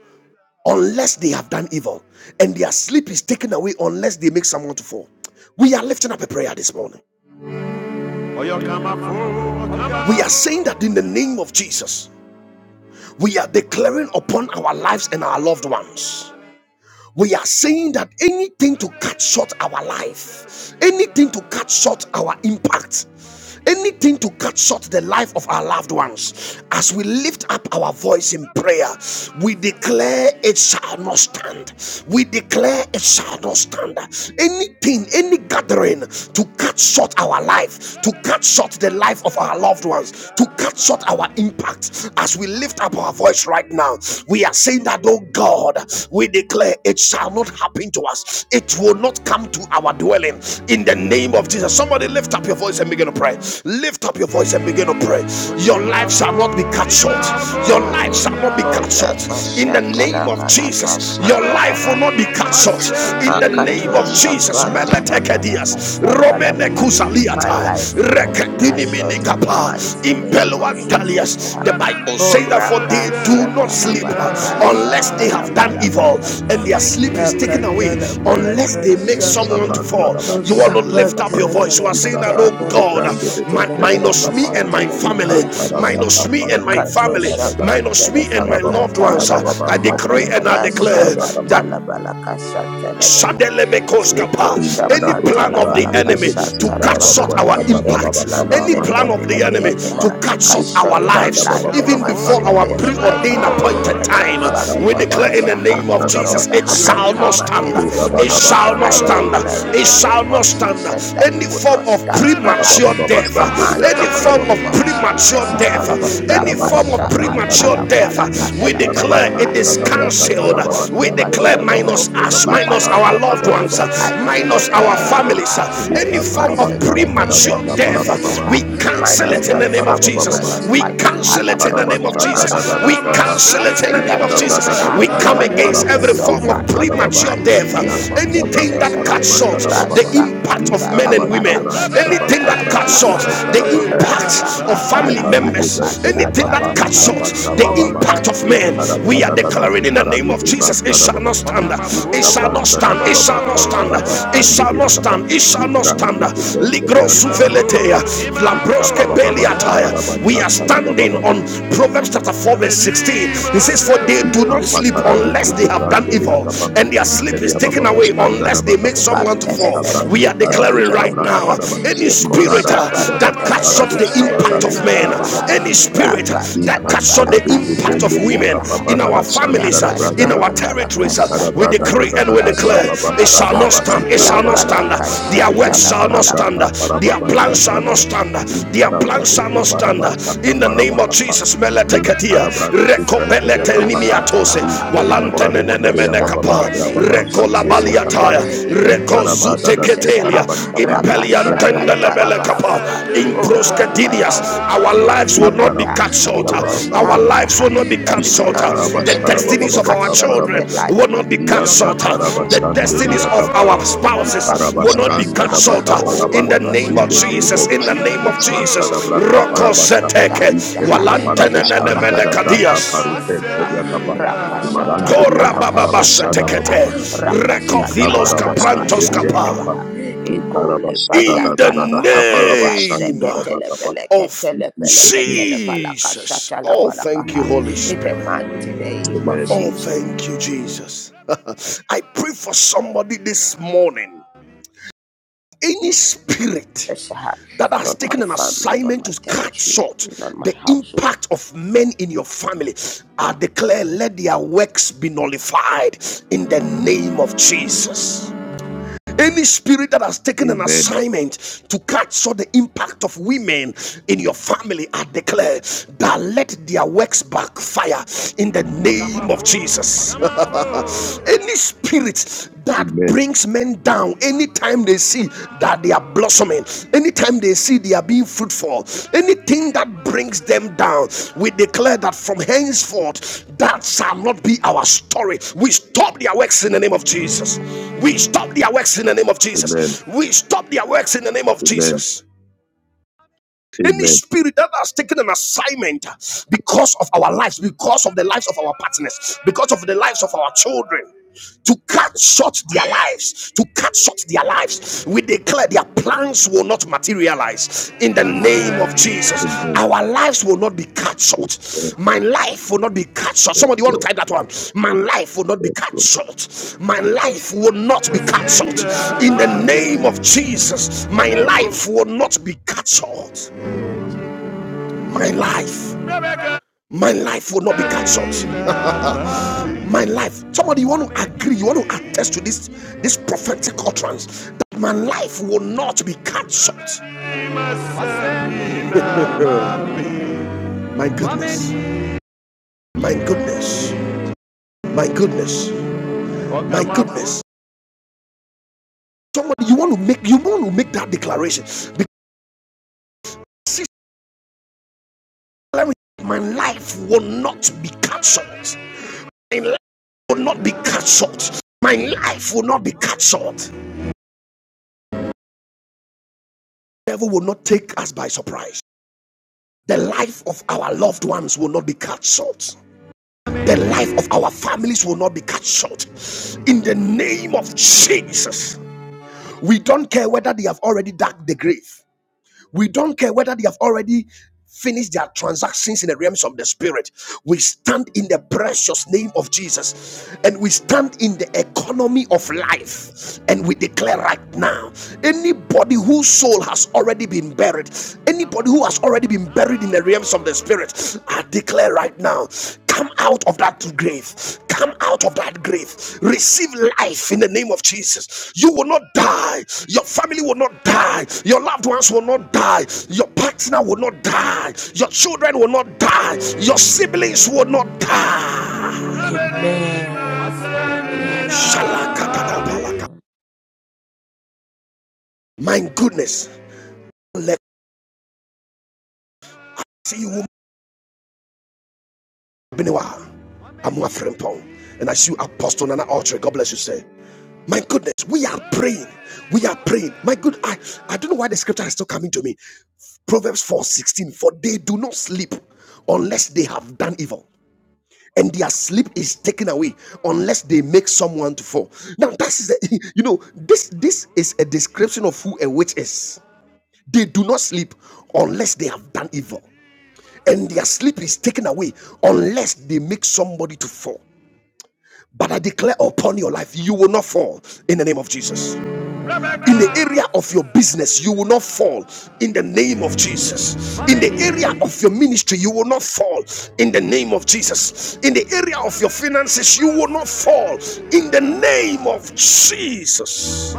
[SPEAKER 1] unless they have done evil, and their sleep is taken away unless they make someone to fall. We are lifting up a prayer this morning. We are saying that in the name of Jesus, we are declaring upon our lives and our loved ones we are saying that anything to cut short our life, anything to cut short our impact, anything to cut short the life of our loved ones, as we lift up our voice in prayer, we declare it shall not stand. We declare it shall not stand. Anything, any gathering to cut short our life, to cut short the life of our loved ones, to cut short our impact, as we lift up our voice right now, we are saying that, oh God, we we declare it shall not happen to us, it will not come to our dwelling in the name of Jesus. Somebody lift up your voice and begin to pray. Lift up your voice and begin to pray. Your life shall not be cut short, your life shall not be cut
[SPEAKER 2] Ola
[SPEAKER 1] short in the
[SPEAKER 2] kashata
[SPEAKER 1] name
[SPEAKER 2] la
[SPEAKER 1] of
[SPEAKER 2] bala
[SPEAKER 1] Jesus. Your
[SPEAKER 2] kashata la
[SPEAKER 1] life will
[SPEAKER 2] bala
[SPEAKER 1] not be
[SPEAKER 2] ka-
[SPEAKER 1] cut short in the
[SPEAKER 2] makato
[SPEAKER 1] name of Jesus.
[SPEAKER 2] shabrata la bala
[SPEAKER 1] Meletekedias,
[SPEAKER 2] kashata la
[SPEAKER 1] Romene
[SPEAKER 2] baha. My
[SPEAKER 1] Kusaliata,
[SPEAKER 2] life will not be cut
[SPEAKER 1] Rekadinimi
[SPEAKER 2] short in the
[SPEAKER 1] Minikapa,
[SPEAKER 2] mighty name of Jesus.
[SPEAKER 1] Impeluantalias. The Bible says that
[SPEAKER 2] Ora
[SPEAKER 1] for they do not
[SPEAKER 2] kashata la cachata la
[SPEAKER 1] sleep
[SPEAKER 2] bala
[SPEAKER 1] unless
[SPEAKER 2] kashata
[SPEAKER 1] they
[SPEAKER 2] la
[SPEAKER 1] have done
[SPEAKER 2] bala
[SPEAKER 1] evil,
[SPEAKER 2] ca-
[SPEAKER 1] and their sleep
[SPEAKER 2] La
[SPEAKER 1] is taken away
[SPEAKER 2] Lakata la bala
[SPEAKER 1] unless they make
[SPEAKER 2] kasha.
[SPEAKER 1] someone to
[SPEAKER 3] Sabranta
[SPEAKER 1] fall.
[SPEAKER 3] da
[SPEAKER 2] Oh,
[SPEAKER 1] You
[SPEAKER 3] bande
[SPEAKER 1] want to
[SPEAKER 3] diga
[SPEAKER 1] lift up
[SPEAKER 2] shabrata
[SPEAKER 3] capa.
[SPEAKER 1] your
[SPEAKER 2] la
[SPEAKER 1] voice. You
[SPEAKER 2] bala
[SPEAKER 1] are saying
[SPEAKER 3] Ista
[SPEAKER 1] that,
[SPEAKER 2] kashata la
[SPEAKER 1] oh
[SPEAKER 3] brande tu
[SPEAKER 2] bala
[SPEAKER 1] God,
[SPEAKER 3] brande de
[SPEAKER 2] kashata
[SPEAKER 1] mi-
[SPEAKER 2] la
[SPEAKER 3] veste de
[SPEAKER 2] bala
[SPEAKER 1] minus
[SPEAKER 3] vaca
[SPEAKER 1] me
[SPEAKER 3] para.
[SPEAKER 1] and
[SPEAKER 2] kashata
[SPEAKER 1] my
[SPEAKER 2] la
[SPEAKER 3] I
[SPEAKER 2] bala
[SPEAKER 1] family,
[SPEAKER 2] kaha.
[SPEAKER 3] canta da
[SPEAKER 1] minus
[SPEAKER 3] brata
[SPEAKER 1] me
[SPEAKER 3] para
[SPEAKER 1] and my
[SPEAKER 3] baba da
[SPEAKER 1] family,
[SPEAKER 2] Mikatusha
[SPEAKER 3] da da.
[SPEAKER 1] minus
[SPEAKER 2] mantele
[SPEAKER 3] I
[SPEAKER 1] me and my
[SPEAKER 3] cara
[SPEAKER 2] faleka
[SPEAKER 3] da
[SPEAKER 1] loved
[SPEAKER 2] tala
[SPEAKER 3] sada
[SPEAKER 1] ones.
[SPEAKER 3] baba
[SPEAKER 1] I
[SPEAKER 2] balakaha.
[SPEAKER 3] baba
[SPEAKER 1] decree
[SPEAKER 3] para
[SPEAKER 1] and
[SPEAKER 3] baba
[SPEAKER 1] I
[SPEAKER 3] da
[SPEAKER 2] Yasa
[SPEAKER 3] da
[SPEAKER 1] declare
[SPEAKER 3] da baba.
[SPEAKER 1] that
[SPEAKER 2] katala balaka Liko
[SPEAKER 1] Shadelebekoskapa.
[SPEAKER 3] Inta da
[SPEAKER 1] Any
[SPEAKER 2] shapata
[SPEAKER 3] bruta
[SPEAKER 1] plan
[SPEAKER 2] la
[SPEAKER 1] of the
[SPEAKER 3] brande
[SPEAKER 2] falaka
[SPEAKER 3] de de
[SPEAKER 1] enemy
[SPEAKER 3] de si
[SPEAKER 1] to
[SPEAKER 2] shata
[SPEAKER 3] da
[SPEAKER 2] la
[SPEAKER 1] cut
[SPEAKER 3] baba
[SPEAKER 1] short
[SPEAKER 2] baha.
[SPEAKER 3] baba
[SPEAKER 1] our
[SPEAKER 3] sabra
[SPEAKER 2] Any
[SPEAKER 3] baba baba
[SPEAKER 1] impact,
[SPEAKER 2] plan of
[SPEAKER 1] any
[SPEAKER 2] the
[SPEAKER 3] baba
[SPEAKER 1] plan of
[SPEAKER 3] santa
[SPEAKER 1] the
[SPEAKER 3] da
[SPEAKER 1] enemy
[SPEAKER 2] enemy
[SPEAKER 3] brata pa.
[SPEAKER 1] to
[SPEAKER 2] ah, to
[SPEAKER 1] cut
[SPEAKER 2] cut
[SPEAKER 1] short our
[SPEAKER 2] short my
[SPEAKER 3] Istanda da
[SPEAKER 1] lives,
[SPEAKER 3] baba
[SPEAKER 2] life
[SPEAKER 3] baba
[SPEAKER 2] and
[SPEAKER 1] even
[SPEAKER 3] baba
[SPEAKER 2] my
[SPEAKER 1] before
[SPEAKER 3] kata da
[SPEAKER 1] our
[SPEAKER 3] baba
[SPEAKER 2] siblings' life
[SPEAKER 3] sanda
[SPEAKER 1] preordained
[SPEAKER 3] da
[SPEAKER 2] ah,
[SPEAKER 3] baba baba.
[SPEAKER 1] appointed
[SPEAKER 2] and my
[SPEAKER 1] time,
[SPEAKER 3] Tata
[SPEAKER 2] family
[SPEAKER 1] we
[SPEAKER 3] papa
[SPEAKER 1] declare
[SPEAKER 3] da
[SPEAKER 1] in
[SPEAKER 2] members.
[SPEAKER 3] baba
[SPEAKER 1] the
[SPEAKER 2] ah,
[SPEAKER 1] name of
[SPEAKER 3] sanda
[SPEAKER 2] Oh
[SPEAKER 3] da
[SPEAKER 1] Jesus,
[SPEAKER 2] Lord,
[SPEAKER 3] baba
[SPEAKER 1] it
[SPEAKER 2] ah,
[SPEAKER 3] baba.
[SPEAKER 2] I
[SPEAKER 1] shall not
[SPEAKER 2] come
[SPEAKER 1] stand.
[SPEAKER 2] against
[SPEAKER 3] Le
[SPEAKER 2] it.
[SPEAKER 3] baba
[SPEAKER 1] It
[SPEAKER 2] ah.
[SPEAKER 3] da baba
[SPEAKER 1] shall not
[SPEAKER 3] santa
[SPEAKER 2] I
[SPEAKER 3] da baba.
[SPEAKER 1] stand.
[SPEAKER 2] declare in
[SPEAKER 1] It
[SPEAKER 2] the
[SPEAKER 1] shall
[SPEAKER 2] name
[SPEAKER 1] not
[SPEAKER 2] of
[SPEAKER 1] stand.
[SPEAKER 2] Jesus that
[SPEAKER 1] Any
[SPEAKER 2] it will not
[SPEAKER 1] form of
[SPEAKER 2] stand.
[SPEAKER 3] Intara
[SPEAKER 2] ah,
[SPEAKER 1] premature
[SPEAKER 3] baba baba
[SPEAKER 2] In
[SPEAKER 1] death,
[SPEAKER 2] the
[SPEAKER 3] sande diga
[SPEAKER 1] any
[SPEAKER 3] capa
[SPEAKER 2] mighty
[SPEAKER 3] para
[SPEAKER 1] form
[SPEAKER 3] bababa.
[SPEAKER 1] of
[SPEAKER 2] name of
[SPEAKER 1] premature
[SPEAKER 2] Jesus. ah.
[SPEAKER 1] death, any
[SPEAKER 3] Sarabastida
[SPEAKER 2] Rapa
[SPEAKER 3] Baba
[SPEAKER 1] form of
[SPEAKER 3] Sabran
[SPEAKER 2] shakata
[SPEAKER 1] premature
[SPEAKER 3] Sarabastida
[SPEAKER 2] la falaka
[SPEAKER 1] death, we declare
[SPEAKER 2] shata la
[SPEAKER 1] declare
[SPEAKER 3] Parabachan
[SPEAKER 1] it
[SPEAKER 2] baha.
[SPEAKER 1] is
[SPEAKER 3] Dadabrata
[SPEAKER 2] Every
[SPEAKER 1] cancelled.
[SPEAKER 2] form of
[SPEAKER 1] We
[SPEAKER 3] Sarabastan de
[SPEAKER 1] declare
[SPEAKER 2] premature death
[SPEAKER 3] Yababa
[SPEAKER 1] minus
[SPEAKER 2] over
[SPEAKER 1] us,
[SPEAKER 2] my
[SPEAKER 1] minus
[SPEAKER 3] Vista
[SPEAKER 1] our
[SPEAKER 3] Baba
[SPEAKER 1] loved
[SPEAKER 2] family.
[SPEAKER 1] ones,
[SPEAKER 3] Baba
[SPEAKER 2] I
[SPEAKER 1] minus
[SPEAKER 3] Parabastan
[SPEAKER 1] our
[SPEAKER 2] declare
[SPEAKER 3] Dadaba
[SPEAKER 1] families,
[SPEAKER 2] ah, ah, it
[SPEAKER 1] any
[SPEAKER 3] Vita
[SPEAKER 2] is
[SPEAKER 1] form of
[SPEAKER 2] cancelled in
[SPEAKER 3] Parabastan
[SPEAKER 2] the name
[SPEAKER 3] Dadaba
[SPEAKER 1] premature
[SPEAKER 2] of
[SPEAKER 1] death.
[SPEAKER 2] Jesus.
[SPEAKER 3] Parababa
[SPEAKER 2] ah, ah.
[SPEAKER 1] We cancel
[SPEAKER 2] Minus
[SPEAKER 1] it in
[SPEAKER 2] my
[SPEAKER 3] Sabra
[SPEAKER 1] the name of
[SPEAKER 2] family,
[SPEAKER 3] Sarababa
[SPEAKER 1] Jesus.
[SPEAKER 2] minus
[SPEAKER 1] We
[SPEAKER 2] my
[SPEAKER 1] cancel
[SPEAKER 2] father,
[SPEAKER 1] it in the
[SPEAKER 2] minus
[SPEAKER 1] name of
[SPEAKER 2] my
[SPEAKER 3] Parabasta
[SPEAKER 1] Jesus.
[SPEAKER 2] mother,
[SPEAKER 3] Dadada
[SPEAKER 1] We
[SPEAKER 2] minus my
[SPEAKER 3] Kapa
[SPEAKER 1] cancel it
[SPEAKER 2] siblings
[SPEAKER 1] in the
[SPEAKER 2] and
[SPEAKER 3] in
[SPEAKER 2] their
[SPEAKER 1] name of
[SPEAKER 3] Tadabra
[SPEAKER 1] Jesus.
[SPEAKER 2] children, ah,
[SPEAKER 3] Tadata
[SPEAKER 1] We come
[SPEAKER 2] minus
[SPEAKER 1] against
[SPEAKER 3] Tarabra
[SPEAKER 1] every
[SPEAKER 2] myself
[SPEAKER 1] form of
[SPEAKER 2] ah,
[SPEAKER 3] Zubran
[SPEAKER 2] in the
[SPEAKER 3] Tadababa,
[SPEAKER 1] premature
[SPEAKER 2] mighty
[SPEAKER 1] death.
[SPEAKER 3] Yan
[SPEAKER 2] name of
[SPEAKER 3] Tadabra
[SPEAKER 1] Anything
[SPEAKER 2] Jesus.
[SPEAKER 1] that
[SPEAKER 2] ah, ah.
[SPEAKER 1] cuts
[SPEAKER 3] Katarababa
[SPEAKER 1] short the
[SPEAKER 3] Tadababa,
[SPEAKER 1] impact
[SPEAKER 3] in
[SPEAKER 1] of men
[SPEAKER 2] Rasakatala
[SPEAKER 3] Taraba
[SPEAKER 1] and women,
[SPEAKER 3] Shabran
[SPEAKER 2] palaka
[SPEAKER 3] Tadaba
[SPEAKER 1] anything that
[SPEAKER 2] shatala
[SPEAKER 3] Shabran
[SPEAKER 1] cuts short
[SPEAKER 2] palaka,
[SPEAKER 3] Zubran
[SPEAKER 2] ah.
[SPEAKER 1] the
[SPEAKER 3] Tadabakapa,
[SPEAKER 1] impact of
[SPEAKER 3] in
[SPEAKER 1] family family
[SPEAKER 2] Rasakatala
[SPEAKER 3] Tadata
[SPEAKER 2] falaka
[SPEAKER 3] Zubran
[SPEAKER 1] members, anything
[SPEAKER 2] shatala
[SPEAKER 3] Teriatapa,
[SPEAKER 1] that cuts short
[SPEAKER 3] Taraba
[SPEAKER 1] the
[SPEAKER 3] Tabababa,
[SPEAKER 2] waha.
[SPEAKER 1] impact of
[SPEAKER 3] in
[SPEAKER 1] men,
[SPEAKER 3] Tadabra
[SPEAKER 1] we are
[SPEAKER 3] Tadata
[SPEAKER 1] declaring in the
[SPEAKER 3] Sikara
[SPEAKER 1] name of
[SPEAKER 3] Zubran
[SPEAKER 1] Jesus, it shall not
[SPEAKER 3] Tadababa,
[SPEAKER 1] stand,
[SPEAKER 3] in
[SPEAKER 1] it shall not
[SPEAKER 3] Tabran
[SPEAKER 1] stand, it
[SPEAKER 3] Tadababa
[SPEAKER 1] shall not stand,
[SPEAKER 3] Kaparaba
[SPEAKER 1] it shall not
[SPEAKER 3] Sandiriakapa,
[SPEAKER 1] stand, it shall
[SPEAKER 3] in
[SPEAKER 1] not
[SPEAKER 3] Bran
[SPEAKER 1] stand.
[SPEAKER 3] Zubran Terian Tarabakapa, in Tabababa Kaparaba
[SPEAKER 1] We are
[SPEAKER 3] Tadababa,
[SPEAKER 1] standing on Proverbs chapter 4, verse 16. It says, For they do not sleep
[SPEAKER 3] Ikampatarade
[SPEAKER 1] unless they have
[SPEAKER 3] kukubrante
[SPEAKER 1] done evil,
[SPEAKER 3] dādābā
[SPEAKER 1] and their sleep is taken
[SPEAKER 3] interiababa
[SPEAKER 1] away unless they make
[SPEAKER 3] standadabakapa,
[SPEAKER 1] someone to
[SPEAKER 2] Pantene
[SPEAKER 1] fall. We
[SPEAKER 3] istabrande
[SPEAKER 1] are
[SPEAKER 2] feleke tene
[SPEAKER 3] karade
[SPEAKER 1] declaring right right
[SPEAKER 2] peleke
[SPEAKER 1] now.
[SPEAKER 2] he.
[SPEAKER 3] stabrantadaba,
[SPEAKER 1] Any
[SPEAKER 2] Yeko
[SPEAKER 1] spirit
[SPEAKER 3] marada
[SPEAKER 1] uh, that
[SPEAKER 2] shabrantene
[SPEAKER 1] cuts off
[SPEAKER 3] spidabakaparado
[SPEAKER 2] feleke
[SPEAKER 1] the
[SPEAKER 3] stabarada
[SPEAKER 1] impact of
[SPEAKER 2] shetele
[SPEAKER 1] men,
[SPEAKER 2] beleke ha.
[SPEAKER 3] istarabakapa,
[SPEAKER 1] any spirit uh, that
[SPEAKER 2] Rakatana
[SPEAKER 1] cuts off the
[SPEAKER 3] inkantarado
[SPEAKER 2] balaka
[SPEAKER 1] impact
[SPEAKER 3] subrende
[SPEAKER 1] of
[SPEAKER 2] shatana
[SPEAKER 1] women
[SPEAKER 3] riakapa
[SPEAKER 2] baha.
[SPEAKER 1] in our
[SPEAKER 3] parada
[SPEAKER 1] families, uh, in our
[SPEAKER 2] Yakatala
[SPEAKER 3] sandarabragadaba,
[SPEAKER 2] balaka
[SPEAKER 1] territories, uh, we
[SPEAKER 3] intarabrada
[SPEAKER 2] shatana
[SPEAKER 3] da
[SPEAKER 1] decree
[SPEAKER 3] da
[SPEAKER 1] and
[SPEAKER 3] da
[SPEAKER 1] we
[SPEAKER 2] balaka
[SPEAKER 3] da
[SPEAKER 1] declare
[SPEAKER 3] rababa
[SPEAKER 1] it
[SPEAKER 2] shatana
[SPEAKER 1] shall
[SPEAKER 2] baha.
[SPEAKER 1] not
[SPEAKER 3] sababa
[SPEAKER 1] stand, it
[SPEAKER 3] sikara
[SPEAKER 1] shall not
[SPEAKER 3] basa
[SPEAKER 1] stand, uh,
[SPEAKER 2] Yapalaka
[SPEAKER 1] their
[SPEAKER 3] Ya
[SPEAKER 1] works shall not
[SPEAKER 2] shatana
[SPEAKER 1] stand,
[SPEAKER 3] Sadabraka
[SPEAKER 1] uh, their
[SPEAKER 3] Parababasa
[SPEAKER 1] plans shall not
[SPEAKER 3] Sarada,
[SPEAKER 1] stand, uh,
[SPEAKER 3] in
[SPEAKER 1] their plans
[SPEAKER 3] Sadabradu
[SPEAKER 1] shall not stand. uh,
[SPEAKER 3] Parabasaka
[SPEAKER 1] In the name of
[SPEAKER 3] Parabakapa,
[SPEAKER 1] Jesus,
[SPEAKER 3] in
[SPEAKER 1] Meleteketia,
[SPEAKER 3] Sadabradu Subrantaria
[SPEAKER 1] Rekopelete
[SPEAKER 3] Kapaha,
[SPEAKER 1] Nimiatose,
[SPEAKER 3] in
[SPEAKER 2] Kashatalabaha. Oh,
[SPEAKER 1] Walante
[SPEAKER 2] you
[SPEAKER 3] Serimakaru
[SPEAKER 2] will not
[SPEAKER 3] Seria
[SPEAKER 1] Nenemene
[SPEAKER 3] Baba
[SPEAKER 2] stand in the name
[SPEAKER 3] Baba
[SPEAKER 2] of
[SPEAKER 1] Rekola
[SPEAKER 2] Jesus.
[SPEAKER 3] Shanderia
[SPEAKER 2] Budaha.
[SPEAKER 1] baliataya,
[SPEAKER 3] Kapa,
[SPEAKER 2] In the
[SPEAKER 3] in
[SPEAKER 2] name of
[SPEAKER 1] rekozute
[SPEAKER 3] Sadabrada de
[SPEAKER 2] Jesus.
[SPEAKER 1] ketelia,
[SPEAKER 2] ah.
[SPEAKER 3] Karabasa Brandu
[SPEAKER 1] impelian
[SPEAKER 3] Subrantaria Kapa,
[SPEAKER 1] tendelebele kapa,
[SPEAKER 2] Rapashakatalabalakaha. Oh, not in my
[SPEAKER 1] improskedidias.
[SPEAKER 2] household,
[SPEAKER 1] Our
[SPEAKER 2] not in my
[SPEAKER 1] lives
[SPEAKER 3] in
[SPEAKER 1] will not
[SPEAKER 2] family.
[SPEAKER 1] be
[SPEAKER 2] ah.
[SPEAKER 1] cut
[SPEAKER 3] Parabasa
[SPEAKER 2] It will
[SPEAKER 1] shorter.
[SPEAKER 3] Baba
[SPEAKER 2] not
[SPEAKER 3] Kapa,
[SPEAKER 1] Our
[SPEAKER 2] stand.
[SPEAKER 1] lives will
[SPEAKER 2] ah.
[SPEAKER 1] not be cut
[SPEAKER 3] in
[SPEAKER 2] Every
[SPEAKER 1] shorter.
[SPEAKER 2] plan of the
[SPEAKER 1] The
[SPEAKER 3] Parabasa
[SPEAKER 2] enemy to
[SPEAKER 1] destinies
[SPEAKER 3] Baba
[SPEAKER 1] of
[SPEAKER 2] cut
[SPEAKER 1] our
[SPEAKER 2] short to
[SPEAKER 1] children
[SPEAKER 2] the
[SPEAKER 3] Baba
[SPEAKER 2] life
[SPEAKER 1] will not be cut shorter. The
[SPEAKER 3] Yakatarabashandere
[SPEAKER 1] destinies of our
[SPEAKER 3] Yakapas,
[SPEAKER 2] of
[SPEAKER 1] spouses
[SPEAKER 2] family
[SPEAKER 1] will not be
[SPEAKER 2] members.
[SPEAKER 3] Ikarabastanda
[SPEAKER 1] cut
[SPEAKER 2] ah.
[SPEAKER 1] shorter.
[SPEAKER 2] Oh, it
[SPEAKER 3] Dabakaparaba,
[SPEAKER 1] In the
[SPEAKER 2] will not
[SPEAKER 1] name
[SPEAKER 3] in
[SPEAKER 1] of
[SPEAKER 3] the name
[SPEAKER 1] Jesus,
[SPEAKER 3] of
[SPEAKER 1] in the
[SPEAKER 3] Jesus,
[SPEAKER 1] name of Jesus,
[SPEAKER 3] Mantarabraka
[SPEAKER 1] Roko
[SPEAKER 3] Parabasha,
[SPEAKER 1] seteke,
[SPEAKER 2] stand.
[SPEAKER 3] in
[SPEAKER 2] ah.
[SPEAKER 3] Telikaparabashanda Dabraka
[SPEAKER 1] kadias.
[SPEAKER 3] Paruset Yakapa,
[SPEAKER 2] Rapashata
[SPEAKER 3] Imarante
[SPEAKER 2] la
[SPEAKER 1] Kora
[SPEAKER 2] palaka shata la
[SPEAKER 3] Yakaparabashada
[SPEAKER 2] baha.
[SPEAKER 3] Bababa,
[SPEAKER 1] bababasetekete.
[SPEAKER 2] Rapashata
[SPEAKER 1] Recovilos
[SPEAKER 2] la palaka
[SPEAKER 1] caprantos
[SPEAKER 3] Ikabarabastandere
[SPEAKER 2] shata
[SPEAKER 1] capa.
[SPEAKER 2] la
[SPEAKER 3] Yakapa,
[SPEAKER 2] baha. Ikole
[SPEAKER 3] Ikarabashada
[SPEAKER 1] In the
[SPEAKER 2] pariata la baha.
[SPEAKER 1] name
[SPEAKER 3] Dadaparabashanda
[SPEAKER 2] Rasheke tele
[SPEAKER 3] Dabakapa,
[SPEAKER 2] peleke
[SPEAKER 1] of
[SPEAKER 3] in
[SPEAKER 2] tele
[SPEAKER 3] Jesus'
[SPEAKER 2] peleke
[SPEAKER 3] name.
[SPEAKER 2] tele palaka
[SPEAKER 1] Jesus.
[SPEAKER 2] shata la
[SPEAKER 1] Oh,
[SPEAKER 2] balaka
[SPEAKER 1] thank you,
[SPEAKER 2] ha.
[SPEAKER 1] Holy
[SPEAKER 2] In the
[SPEAKER 1] Spirit.
[SPEAKER 2] mighty name of
[SPEAKER 3] Amen,
[SPEAKER 1] Oh,
[SPEAKER 2] Jesus,
[SPEAKER 1] thank you, Jesus. I pray for somebody this morning. Any spirit
[SPEAKER 2] ha.
[SPEAKER 1] that has
[SPEAKER 2] not my
[SPEAKER 1] taken an
[SPEAKER 2] family, not
[SPEAKER 1] assignment
[SPEAKER 2] my
[SPEAKER 1] to cut
[SPEAKER 2] territory,
[SPEAKER 1] short
[SPEAKER 2] not my
[SPEAKER 1] the
[SPEAKER 2] household.
[SPEAKER 1] impact of men in your family, I declare let their works be nullified in the name of Jesus. Any spirit that has taken an
[SPEAKER 3] amen,
[SPEAKER 1] assignment to capture the impact of women in your family, I declare that let their works backfire in the name of Jesus. Any spirit that
[SPEAKER 3] amen,
[SPEAKER 1] brings men down anytime they see that that they are blossoming, anytime they see they are being fruitful, anything that brings them down, we declare that from henceforth that shall not be our story. We stop their works in the name of Jesus. We stop their works in the name of
[SPEAKER 3] amen,
[SPEAKER 1] Jesus. We stop their works in the name of
[SPEAKER 3] amen,
[SPEAKER 1] Jesus. Any
[SPEAKER 3] amen,
[SPEAKER 1] spirit that has taken an assignment because of our lives, because of the lives of our partners, because of the lives of our children, to cut short their lives, to cut short their lives. We declare their plans will not materialize in the name of Jesus.
[SPEAKER 3] amen. amen.
[SPEAKER 1] Our lives will not be cut short.
[SPEAKER 3] Yes,
[SPEAKER 1] My life will not be cut short. Somebody want
[SPEAKER 3] Lord.
[SPEAKER 1] to type that one. My life will not be
[SPEAKER 3] Yes,
[SPEAKER 1] cut
[SPEAKER 3] Lord,
[SPEAKER 1] short. My life will not be cut short. In the name of Jesus, my life will not be cut short my life my life will not be cancelled my life somebody you want to agree you want to attest to this this prophetic utterance that my life will not be cancelled my goodness my goodness my goodness my goodness somebody you want to make you want to make that declaration because my life will not be cancelled my life will not be cancelled my life will not be cancelled The devil will not take us by surprise The life of our loved ones will not be cut short. The life of our families will not be cut short. In the name of Jesus, we don't care whether they have already dug the grave. We don't care whether they have already finished their transactions in the realms of the spirit. We stand in the precious name of Jesus and we stand in the economy of life and we declare right now anybody whose soul has already been buried, anybody who has already been buried in the realms of the spirit, I declare right now Come out of that grave. Come out of that grave. Receive life in the name of Jesus. You will not die. Your family will not die. Your loved ones will not die. Your partner will not die. Your children will not die. Your siblings will not die.
[SPEAKER 2] Amen. Amen.
[SPEAKER 1] Shalakatadapalaka. My goodness. Let you Beniwa, Amua Frempong, and I see you, Apostle Nana Altre. God bless you, sir. My goodness, we are praying. We are praying. My good, I, I don't know why the scripture is still coming to me. Proverbs 4:16. for they do not sleep unless they have done evil. And their sleep is taken away unless they make someone to fall. Now, that is, the, you know, this this is a description of who a witch is. They do not sleep unless they have done evil and their sleep is taken away unless they make somebody to fall. But I declare upon your life, you will not fall in the name of Jesus. In the area of your business, you will not fall in the name of Jesus. In the area of your ministry, you will not fall in the name of Jesus. In the area of your finances, you will not fall in the name of Jesus.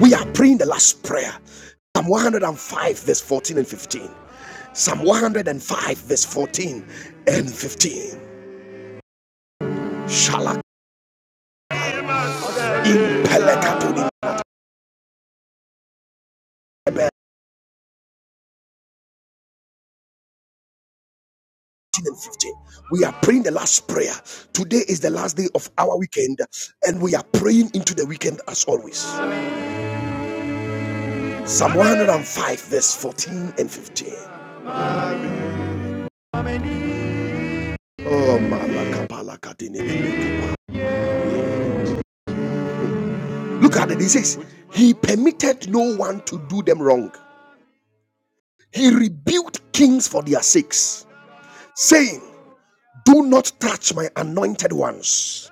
[SPEAKER 1] We are praying the last prayer. Psalm 105, verse 14 and 15. Psalm 105, verse 14 and 15. Shalak impelekatuni ebe- 15. We are praying the last prayer. Today is the last day of our weekend, and we are praying into the weekend as always. Psalm 105, verse 14 and 15. Oh, malakapalakatini. Look at it. It says, He permitted no one to do them wrong. He rebuked kings for their sakes, saying, Do not touch my anointed ones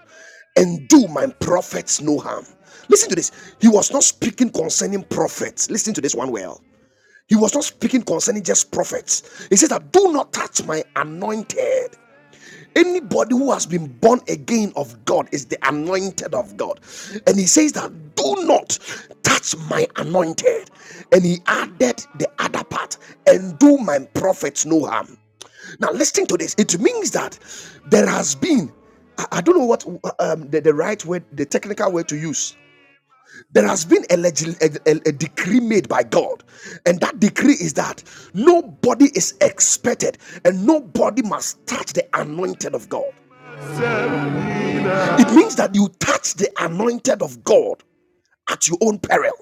[SPEAKER 1] and do my prophets no harm. Listen to this. He was not speaking concerning prophets. Listen to this one well. He was not speaking concerning just prophets. He says that do not touch my anointed Anybody who has been born again of God is the anointed of God. And he says that do not touch my anointed. And he added the other part and do my prophets no harm. Now, listening to this. It means that there has been, I, I don't know what um, the, the right word, the technical word to use. There has been a, a- a decree made by God, and that decree is that nobody is expected and nobody must touch the anointed of God. It means that you touch the anointed of God at your own peril.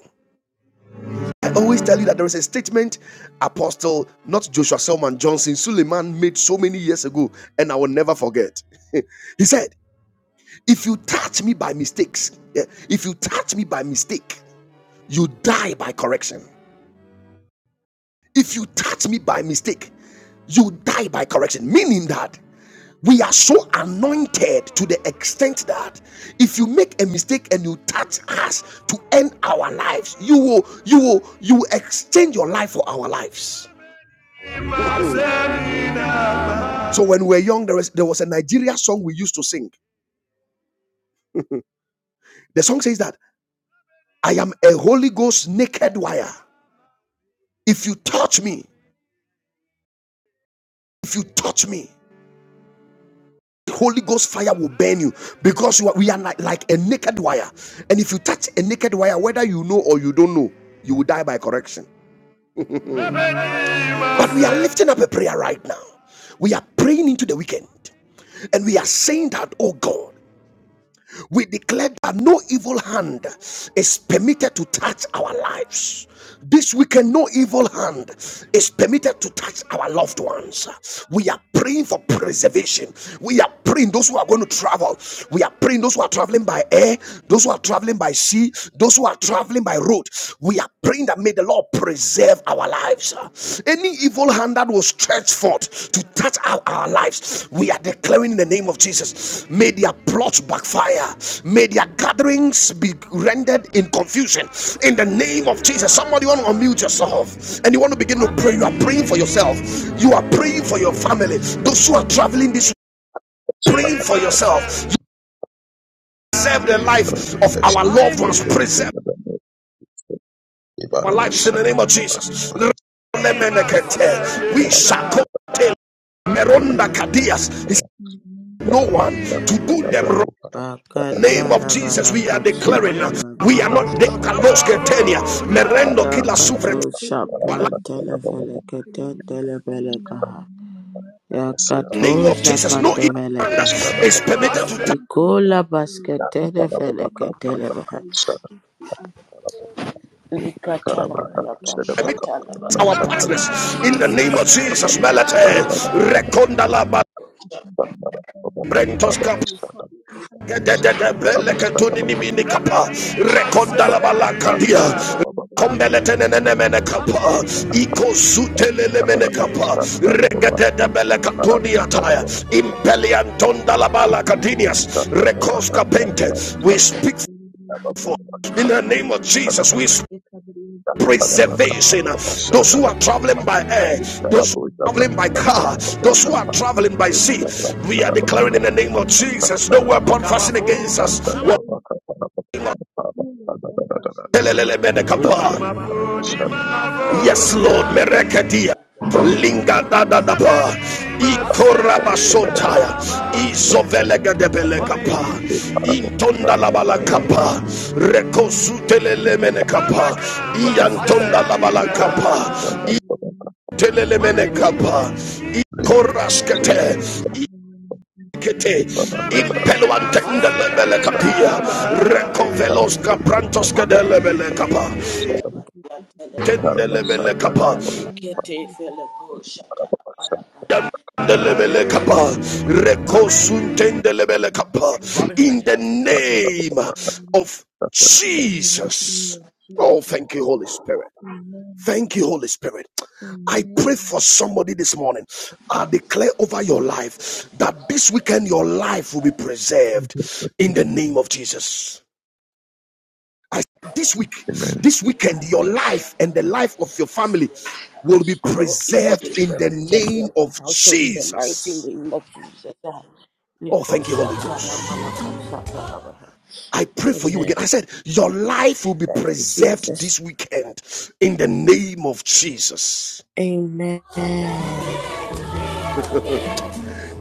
[SPEAKER 1] I always tell you that there is a statement Apostle, not Joshua Selman Johnson, Suleiman made so many years ago, and I will never forget. he said, If you touch me by mistakes, yeah, if you touch me by mistake, you die by correction. If you touch me by mistake, you die by correction. Meaning that We are so anointed to the extent that if you make a mistake and you touch us to end our lives, you will you will you will exchange your life for our lives. So when we were young, there was there was a Nigeria song we used to sing. The song says that I am a Holy Ghost naked wire. If you touch me, if you touch me, Holy Ghost fire will burn you because you are- we are like, like a naked wire. And if you touch a naked wire, whether you know or you don't know, you will die by correction. But we are lifting up a prayer right now. We are praying into the weekend and we are saying that, oh God, we declare that no evil hand is permitted to touch our lives. This weekend, no evil hand is permitted to touch our loved ones. We are praying for preservation. We are praying those who are going to travel. We are praying those who are traveling by air, those who are traveling by sea, those who are traveling by road. We are praying that may the Lord preserve preserve our lives. Any evil hand that was stretched forth to touch our, our lives, we are declaring in the name of Jesus, may their plots backfire, may their gatherings be rendered in confusion. In the name of Jesus, somebody want to unmute yourself and you want to begin to pray. You are praying for yourself, you are praying for your family, those who are traveling this,
[SPEAKER 3] that's right,
[SPEAKER 1] praying for
[SPEAKER 3] Baba, Baba.
[SPEAKER 1] yourself. You Preserve the
[SPEAKER 3] Uh,
[SPEAKER 1] life of
[SPEAKER 3] protection.
[SPEAKER 1] our loved ones.
[SPEAKER 3] Yes, in
[SPEAKER 1] Preserve.
[SPEAKER 3] the name of
[SPEAKER 1] our
[SPEAKER 3] Ibara
[SPEAKER 1] lives in the
[SPEAKER 3] Bashada,
[SPEAKER 1] name of
[SPEAKER 3] Baba, Baba.
[SPEAKER 1] Jesus.
[SPEAKER 3] Man,
[SPEAKER 1] We
[SPEAKER 3] Baba, Baba,
[SPEAKER 1] shall curtail Meronda Kadias. He
[SPEAKER 3] Baba,
[SPEAKER 4] In the name
[SPEAKER 1] No
[SPEAKER 4] of
[SPEAKER 1] one
[SPEAKER 4] Jesus,
[SPEAKER 3] Baba,
[SPEAKER 1] to do
[SPEAKER 3] Baba,
[SPEAKER 1] them wrong.
[SPEAKER 3] Braco, Baba,
[SPEAKER 4] I
[SPEAKER 1] In the
[SPEAKER 2] Bakata
[SPEAKER 1] Name of
[SPEAKER 2] la
[SPEAKER 1] Jesus,
[SPEAKER 4] recover
[SPEAKER 1] we are
[SPEAKER 2] balaka
[SPEAKER 3] Hey,
[SPEAKER 4] and I
[SPEAKER 2] shata
[SPEAKER 1] declaring.
[SPEAKER 2] la
[SPEAKER 4] recover
[SPEAKER 1] We
[SPEAKER 2] baha.
[SPEAKER 1] are
[SPEAKER 4] from the
[SPEAKER 1] not the Kalos
[SPEAKER 3] Baba, Baba,
[SPEAKER 1] Ketenia.
[SPEAKER 4] sin
[SPEAKER 1] Merendo Kila
[SPEAKER 3] Dan, Baba,
[SPEAKER 2] Yakato
[SPEAKER 1] Sufret.
[SPEAKER 3] Baba,
[SPEAKER 4] that lives
[SPEAKER 3] Baba,
[SPEAKER 4] in the
[SPEAKER 2] Shapran
[SPEAKER 3] Baba,
[SPEAKER 4] body
[SPEAKER 3] Baba,
[SPEAKER 4] and
[SPEAKER 3] Baba,
[SPEAKER 4] the soul
[SPEAKER 2] Telefeleketen
[SPEAKER 4] and the brain and
[SPEAKER 2] Telefelekaha.
[SPEAKER 4] the name of mother
[SPEAKER 3] Baba,
[SPEAKER 4] and
[SPEAKER 3] Sira,
[SPEAKER 1] in
[SPEAKER 3] Baba,
[SPEAKER 2] Yakato
[SPEAKER 1] the
[SPEAKER 4] names
[SPEAKER 1] Name of
[SPEAKER 4] and
[SPEAKER 1] Jesus.
[SPEAKER 2] Shapan
[SPEAKER 1] No
[SPEAKER 4] codes.
[SPEAKER 1] evil
[SPEAKER 2] Develekaha.
[SPEAKER 4] But
[SPEAKER 3] Shada,
[SPEAKER 1] is
[SPEAKER 3] Baba,
[SPEAKER 4] still,
[SPEAKER 1] permitted
[SPEAKER 3] Baba,
[SPEAKER 1] to touch
[SPEAKER 4] everything
[SPEAKER 2] Ikola
[SPEAKER 4] has to,
[SPEAKER 3] Dan,
[SPEAKER 2] Basketene
[SPEAKER 3] Baba,
[SPEAKER 4] everything
[SPEAKER 3] Baba, Ka,
[SPEAKER 4] has
[SPEAKER 3] Baba,
[SPEAKER 2] Feleketelevaha.
[SPEAKER 4] to
[SPEAKER 3] Shada,
[SPEAKER 4] get to us.
[SPEAKER 3] Baba,
[SPEAKER 4] All these spirits will come
[SPEAKER 3] Kara,
[SPEAKER 4] to
[SPEAKER 3] Baba,
[SPEAKER 4] us
[SPEAKER 2] Ikatalavalaka
[SPEAKER 3] Shada,
[SPEAKER 4] when
[SPEAKER 3] Baba, Ka, Baba,
[SPEAKER 1] our
[SPEAKER 4] whenever they
[SPEAKER 3] Sanda, Baba,
[SPEAKER 1] partners.
[SPEAKER 2] Shatalavalakarabaha.
[SPEAKER 4] try
[SPEAKER 1] In
[SPEAKER 4] to,
[SPEAKER 1] the
[SPEAKER 2] We
[SPEAKER 1] name of
[SPEAKER 2] pray for
[SPEAKER 1] Jesus,
[SPEAKER 4] whenever
[SPEAKER 2] protection,
[SPEAKER 4] they
[SPEAKER 1] Melete.
[SPEAKER 2] O
[SPEAKER 3] Sanda,
[SPEAKER 2] Lord.
[SPEAKER 3] Baba,
[SPEAKER 4] attempt
[SPEAKER 3] Baba,
[SPEAKER 4] any
[SPEAKER 1] Rekonda la
[SPEAKER 4] as you did
[SPEAKER 3] Sanda, Baba,
[SPEAKER 4] in heaven.
[SPEAKER 3] Ka,
[SPEAKER 4] The
[SPEAKER 3] Baba, Baba,
[SPEAKER 4] prayer we
[SPEAKER 3] Shada,
[SPEAKER 4] call, we answer it by fire.
[SPEAKER 3] Baba,
[SPEAKER 4] We don't
[SPEAKER 3] Shada,
[SPEAKER 4] be
[SPEAKER 3] Baba,
[SPEAKER 4] answered by fire in the name of Jesus. Lord, come down
[SPEAKER 3] Dan,
[SPEAKER 4] in the
[SPEAKER 3] Baba,
[SPEAKER 4] name of
[SPEAKER 3] Baba, Baba,
[SPEAKER 4] Jesus. We pray for you in the name of Jesus. We pray for you in the
[SPEAKER 3] Baba,
[SPEAKER 4] life of
[SPEAKER 3] Baba,
[SPEAKER 4] my
[SPEAKER 3] Shada,
[SPEAKER 4] family.
[SPEAKER 3] Baba, Baba,
[SPEAKER 4] We pray
[SPEAKER 3] Kara,
[SPEAKER 4] for you
[SPEAKER 3] Baba,
[SPEAKER 4] in the
[SPEAKER 3] Shada,
[SPEAKER 4] life
[SPEAKER 3] Baba,
[SPEAKER 4] of my of my life in the name of Jesus.
[SPEAKER 3] Thank
[SPEAKER 4] Lord, come down in the name
[SPEAKER 1] We
[SPEAKER 4] of
[SPEAKER 1] speak
[SPEAKER 4] Jesus. We pray for you in
[SPEAKER 1] for
[SPEAKER 4] the name of
[SPEAKER 1] in the
[SPEAKER 4] Jesus.
[SPEAKER 1] name of
[SPEAKER 4] And we-
[SPEAKER 1] Jesus. We speak
[SPEAKER 4] we cover you in the name of Jesus. And we- we cover you in the
[SPEAKER 1] preservation.
[SPEAKER 4] name of
[SPEAKER 1] Those who are
[SPEAKER 4] Jesus.
[SPEAKER 1] traveling by
[SPEAKER 4] And we-
[SPEAKER 1] air,
[SPEAKER 4] you
[SPEAKER 1] those who
[SPEAKER 4] in the name of Jesus.
[SPEAKER 1] traveling by
[SPEAKER 4] We
[SPEAKER 1] car,
[SPEAKER 4] pray for you
[SPEAKER 1] those
[SPEAKER 4] in
[SPEAKER 1] who
[SPEAKER 4] the
[SPEAKER 1] are
[SPEAKER 4] name of
[SPEAKER 1] traveling
[SPEAKER 4] Jesus.
[SPEAKER 1] by sea, we are declaring in the
[SPEAKER 4] Thank
[SPEAKER 1] name of Jesus, no weapon fashioned against us. Yes, Lord, Merekedia. Linga da da da ba, ikoraba
[SPEAKER 4] you. Thank
[SPEAKER 1] izovelega de belekapa, intonda la balakapa, rekosutelele menekapa, iantonda la balakapa, telelemene kapa ikoraskete ikete impeluantende lebele kapia rekovelos kaprantos kede kapa tende
[SPEAKER 2] Lakatelefelekaha.
[SPEAKER 1] kapa
[SPEAKER 2] Alikete
[SPEAKER 4] you.
[SPEAKER 2] Feleko Shatalavalakaha.
[SPEAKER 1] Lebele kapa, rekosuntende kapa.
[SPEAKER 3] you.
[SPEAKER 1] In the name of
[SPEAKER 3] Amen.
[SPEAKER 1] Jesus. Oh, thank you, Holy Spirit.
[SPEAKER 4] Amen.
[SPEAKER 1] Thank you, Holy Spirit. I pray
[SPEAKER 4] Amen.
[SPEAKER 1] for somebody this morning. I declare over your life that this weekend your life will be preserved in the name of Jesus. I this week, this weekend, your life and the life of your family will be
[SPEAKER 2] No evil
[SPEAKER 1] preserved
[SPEAKER 2] is
[SPEAKER 1] in the
[SPEAKER 2] permitted
[SPEAKER 1] name
[SPEAKER 2] near my
[SPEAKER 1] of
[SPEAKER 2] household in the mighty
[SPEAKER 1] Jesus.
[SPEAKER 2] name of Jesus.
[SPEAKER 1] Oh,
[SPEAKER 2] Nico
[SPEAKER 1] thank you, Holy
[SPEAKER 2] Satana
[SPEAKER 1] Ghost.
[SPEAKER 2] Manaka Satana.
[SPEAKER 1] I pray for you
[SPEAKER 2] Amen.
[SPEAKER 1] again. I said, Your life will be
[SPEAKER 2] Thank you,
[SPEAKER 1] preserved
[SPEAKER 2] Jesus.
[SPEAKER 1] this weekend in the name of Jesus.
[SPEAKER 2] Amen. Amen.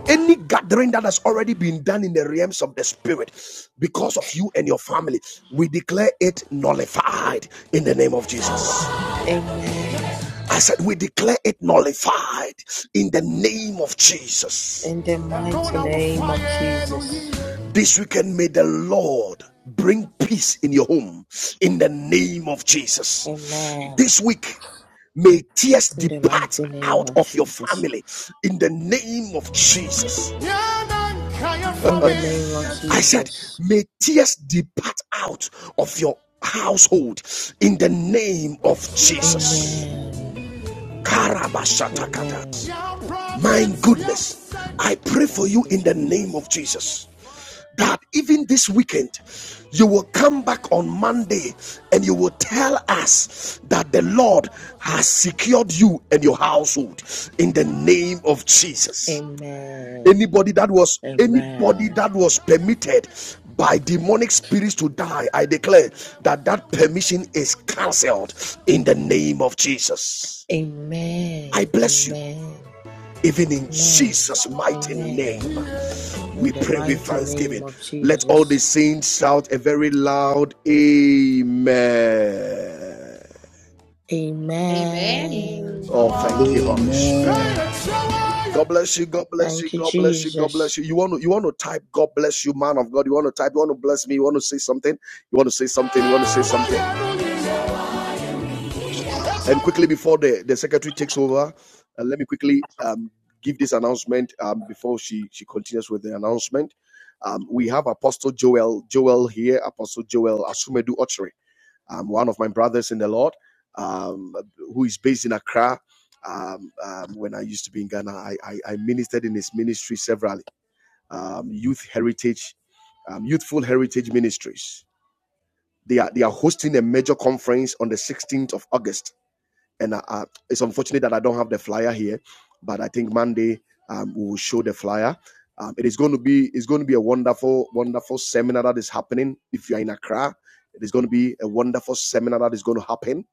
[SPEAKER 1] any gathering that has already been done in the realms of the spirit because of you and your family we declare it nullified in the name of jesus
[SPEAKER 2] Amen.
[SPEAKER 1] i said we declare it nullified in the name of jesus
[SPEAKER 2] In the mighty name of Jesus.
[SPEAKER 1] this weekend, may the Lord bring peace in your home in the name of Jesus.
[SPEAKER 2] Amen.
[SPEAKER 1] This week, may tears
[SPEAKER 2] In the
[SPEAKER 1] depart
[SPEAKER 2] mighty name
[SPEAKER 1] out
[SPEAKER 2] of
[SPEAKER 1] of your
[SPEAKER 2] Jesus.
[SPEAKER 1] family in the name of Jesus.
[SPEAKER 2] In the name of
[SPEAKER 1] I said,
[SPEAKER 2] Jesus.
[SPEAKER 1] may tears depart out of your household in the name of Jesus.
[SPEAKER 2] Amen. Amen.
[SPEAKER 1] My goodness, I pray for
[SPEAKER 2] Thank
[SPEAKER 1] you
[SPEAKER 2] you,
[SPEAKER 1] in the name
[SPEAKER 2] Jesus.
[SPEAKER 1] of Jesus that even this weekend you will come back on Monday and you will tell us that the Lord has secured you and your household in the name of Jesus.
[SPEAKER 2] Amen.
[SPEAKER 1] Anybody that was anybody
[SPEAKER 2] Amen.
[SPEAKER 1] that was permitted by demonic spirits to die, I declare that that permission is cancelled in the name of Jesus. I
[SPEAKER 2] Amen.
[SPEAKER 1] bless you.
[SPEAKER 2] Amen.
[SPEAKER 1] Even in
[SPEAKER 2] Amen.
[SPEAKER 1] Jesus' mighty
[SPEAKER 2] Amen.
[SPEAKER 1] name, we
[SPEAKER 2] In the
[SPEAKER 1] pray with
[SPEAKER 2] mighty
[SPEAKER 1] thanksgiving.
[SPEAKER 2] name of
[SPEAKER 1] Let all the
[SPEAKER 2] Jesus.
[SPEAKER 1] saints shout a very loud Amen.
[SPEAKER 5] Amen.
[SPEAKER 6] Amen
[SPEAKER 2] Amen.
[SPEAKER 1] Oh, thank you, Holy
[SPEAKER 4] Amen.
[SPEAKER 1] Spirit.
[SPEAKER 7] Amen.
[SPEAKER 1] God bless you. God bless you.
[SPEAKER 2] Thank you,
[SPEAKER 1] God bless you. God
[SPEAKER 2] Jesus.
[SPEAKER 1] bless you. You want to you want to type God bless you, man of God. You want to type. You want to bless me. You want to say something. You want to say something. You want to say something. And quickly before the the secretary takes over, uh, let me quickly um give this announcement um before she she continues with the announcement. Um, we have Apostle Joel Joel here. Apostle Joel Asumedu Ochre um, one of my brothers in the Lord, um, who is based in Accra. Um, um, when I used to be in Ghana, I, I, I ministered in his ministry severally. Um, youth Heritage, um, Youthful Heritage Ministries. They are they are hosting a major conference on the 16th of August, and uh, uh, it's unfortunate that I don't have the flyer here, but I think Monday um, we will show the flyer. Um, it is going to be it's going to be a wonderful wonderful seminar that is happening. If you are in Accra, it is going to be a wonderful seminar that is going to happen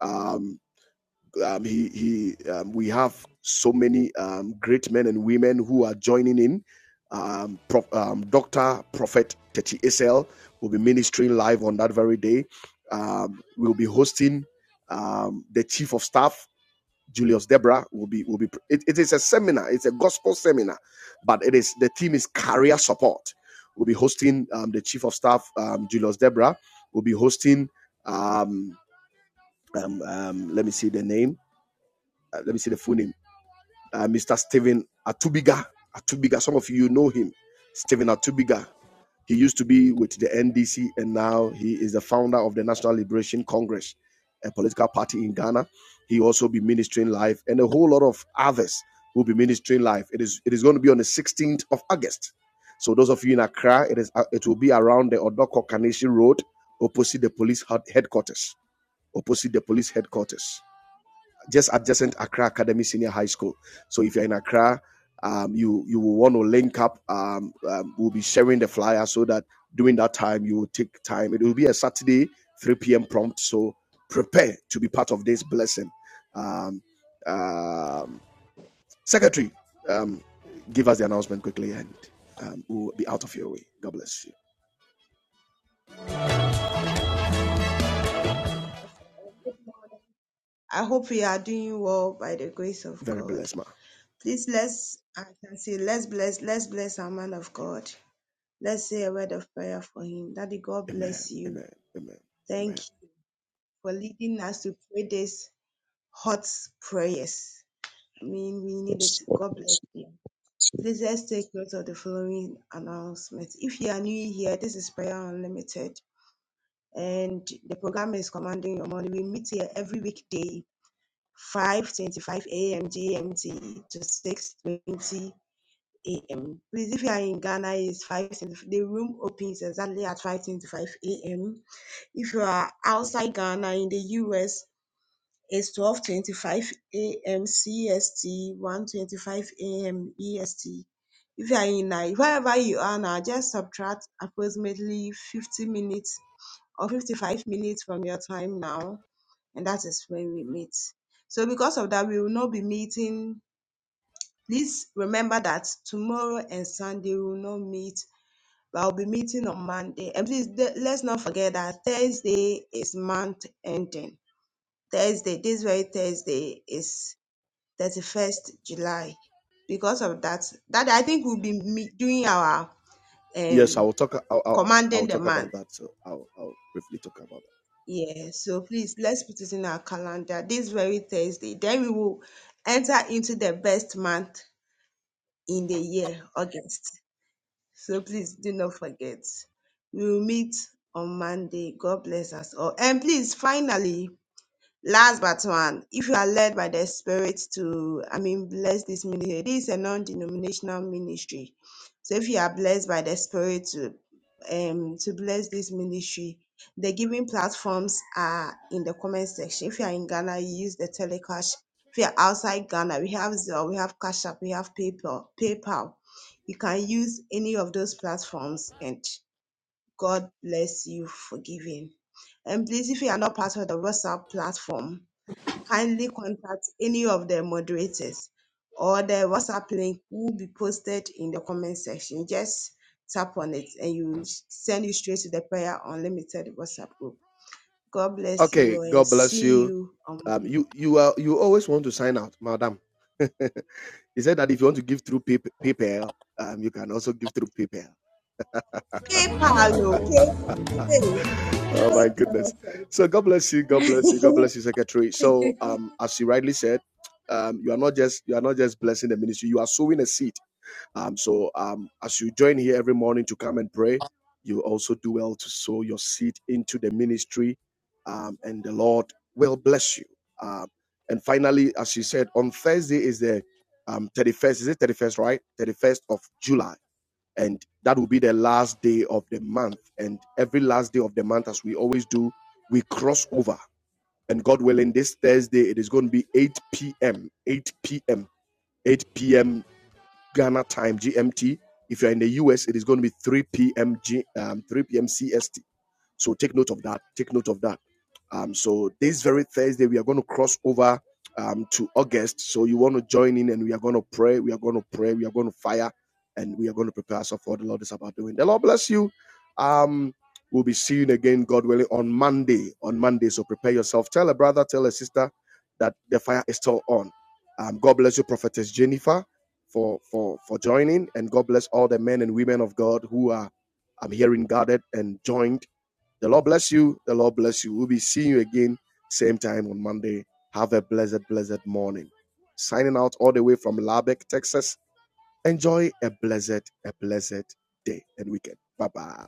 [SPEAKER 1] um, um, he, he, um, we have so many um, great men and women who are joining in. Um, Prof, um, Dr. Prophet Teti Esel will be ministering live on that very day. Um, we'll be hosting um, the Chief of Staff, Julius Debra, will be will be. It, it is a seminar. It's a gospel seminar, but it is the theme is career support. We'll be hosting um, the Chief of Staff, um, Julius Debra. We'll be hosting. Um, um, um, let me see the name uh, let me see the full name, uh, Mr. Stephen Atubiga. Atubiga, some of you know him, Stephen Atubiga. He used to be with the NDC and now he is the founder of the National Liberation Congress, a political party in Ghana. He also be ministering live and a whole lot of others will be ministering live. It is it is going to be on the 16th of August. So those of you in Accra, it is uh, it will be around the Odoko Kaneshi Road opposite the police headquarters. Opposite the police headquarters just adjacent Accra Academy Senior High School. So if you're in Accra, um, you you will want to link up. Um, um, we'll be sharing the flyer so that during that time you will take time. It will be a Saturday, 3 p.m. prompt. So prepare to be part of this blessing. Um, um, Secretary, um, give us the announcement quickly, and um, we'll be out of your way. God bless you.
[SPEAKER 5] Bless us all. And Good morning. I hope we are doing well by the grace of
[SPEAKER 1] Very
[SPEAKER 5] God.
[SPEAKER 1] blessed, ma.
[SPEAKER 5] Please let's I can say let's bless let's bless our man of God. Let's say a word of prayer for him. Daddy, God
[SPEAKER 1] Amen.
[SPEAKER 5] bless you.
[SPEAKER 1] Amen. Amen.
[SPEAKER 5] Thank
[SPEAKER 1] Amen.
[SPEAKER 5] you for leading us to pray these hot prayers. I mean, we need it.
[SPEAKER 3] Yes, Lord,
[SPEAKER 5] God bless
[SPEAKER 3] yes,
[SPEAKER 5] you.
[SPEAKER 3] yes,
[SPEAKER 5] Please let's take note of the following announcement. If you are new here, this is Prayer Unlimited, and the program is Commanding Your Money. We meet here every weekday 5:25 a.m. GMT to 6:20 a.m. Please, if you are in Ghana, it's 5:25. The room opens exactly at 5:25 a.m. If you are outside Ghana in the US, it's 12:25 a.m. CST, 1:25 a.m. EST. If you are in Nigeria, wherever you are now, just subtract approximately 50 minutes or 55 minutes from your time now and that is when we meet. So because of that, we will not be meeting. Please remember that tomorrow and Sunday we will not meet, but I'll be meeting on Monday. And please th- let's not forget that Thursday is month ending. Thursday, this very Thursday is 31st July. Because of that, that I think we'll be me- doing our
[SPEAKER 1] Yes, I
[SPEAKER 5] um
[SPEAKER 1] will talk. I'll, I'll, I'll
[SPEAKER 5] commanding the
[SPEAKER 1] talk
[SPEAKER 5] month
[SPEAKER 1] about that. So I'll, I'll briefly talk about
[SPEAKER 5] Yeah, so please let's put it in our calendar this very Thursday. Then we will enter into the best month in the year, August. So please do not forget. We will meet on Monday. God bless us all. And please, finally, Last but one, if you are led by the Spirit to, I mean, bless this ministry, this is a non-denominational ministry. So if you are blessed by the Spirit to, um, to bless this ministry, the giving platforms are in the comment section. If you are in Ghana, you use the Telecash. If you are outside Ghana, we have Zelle, we have Cash App, we have PayPal. PayPal. You can use any of those platforms, and God bless you for giving. And please, if you are not part of the WhatsApp platform, kindly contact any of the moderators or the WhatsApp link will be posted in the comment section. Just tap on it and you will s- send you straight to the Prayer Unlimited WhatsApp group. God bless
[SPEAKER 1] Okay,
[SPEAKER 5] you and
[SPEAKER 1] God bless
[SPEAKER 5] see
[SPEAKER 1] you.
[SPEAKER 5] you on
[SPEAKER 1] Um,
[SPEAKER 5] Monday.
[SPEAKER 1] you you are you always want to sign out, madam. he said that if you want to give through pap- PayPal, um, you can also give through PayPal.
[SPEAKER 5] PayPal, oh, PayPal.
[SPEAKER 1] Oh
[SPEAKER 5] eh,
[SPEAKER 1] my goodness!
[SPEAKER 5] PayPal.
[SPEAKER 1] So God bless you, God bless you, God bless you, secretary. So um, as you rightly said, um, you are not just you are not just blessing the ministry. You are sowing a seed Um, so um, as you join here every morning to come and pray, you also do well to sow your seed into the ministry, um, and the Lord will bless you. Um, and finally, as you said, on Thursday is the um, 31st. Is it 31st, right? 31st of July. And that will be the last day of the month. And every last day of the month, as we always do, we cross over. And God willing, this Thursday, it is going to be 8 p.m. 8 p.m. 8 p.m. Ghana time GMT. If you're in the US, it is going to be 3 p.m. G, um, 3 p.m. CST. So take note of that. Take note of that. Um, so this very Thursday, we are going to cross over um, to August. So you want to join in and we are going to pray. We are going to pray. We are going to fire and we are going to prepare ourselves for what the Lord is about doing. The Lord bless you. Um, we'll be seeing again, God willing, on Monday. On Monday. So prepare yourself. Tell a brother, tell a sister that the fire is still on. Um, God bless you, Prophetess Jennifer, for, for, for joining. And God bless all the men and women of God who are um, here in Guarded and joined the Lord bless you. The Lord bless you. We'll be seeing you again, same time on Monday. Have a blessed, blessed morning. Signing out all the way from Lubbock, Texas. Enjoy a blessed, a blessed day and weekend. Bye bye.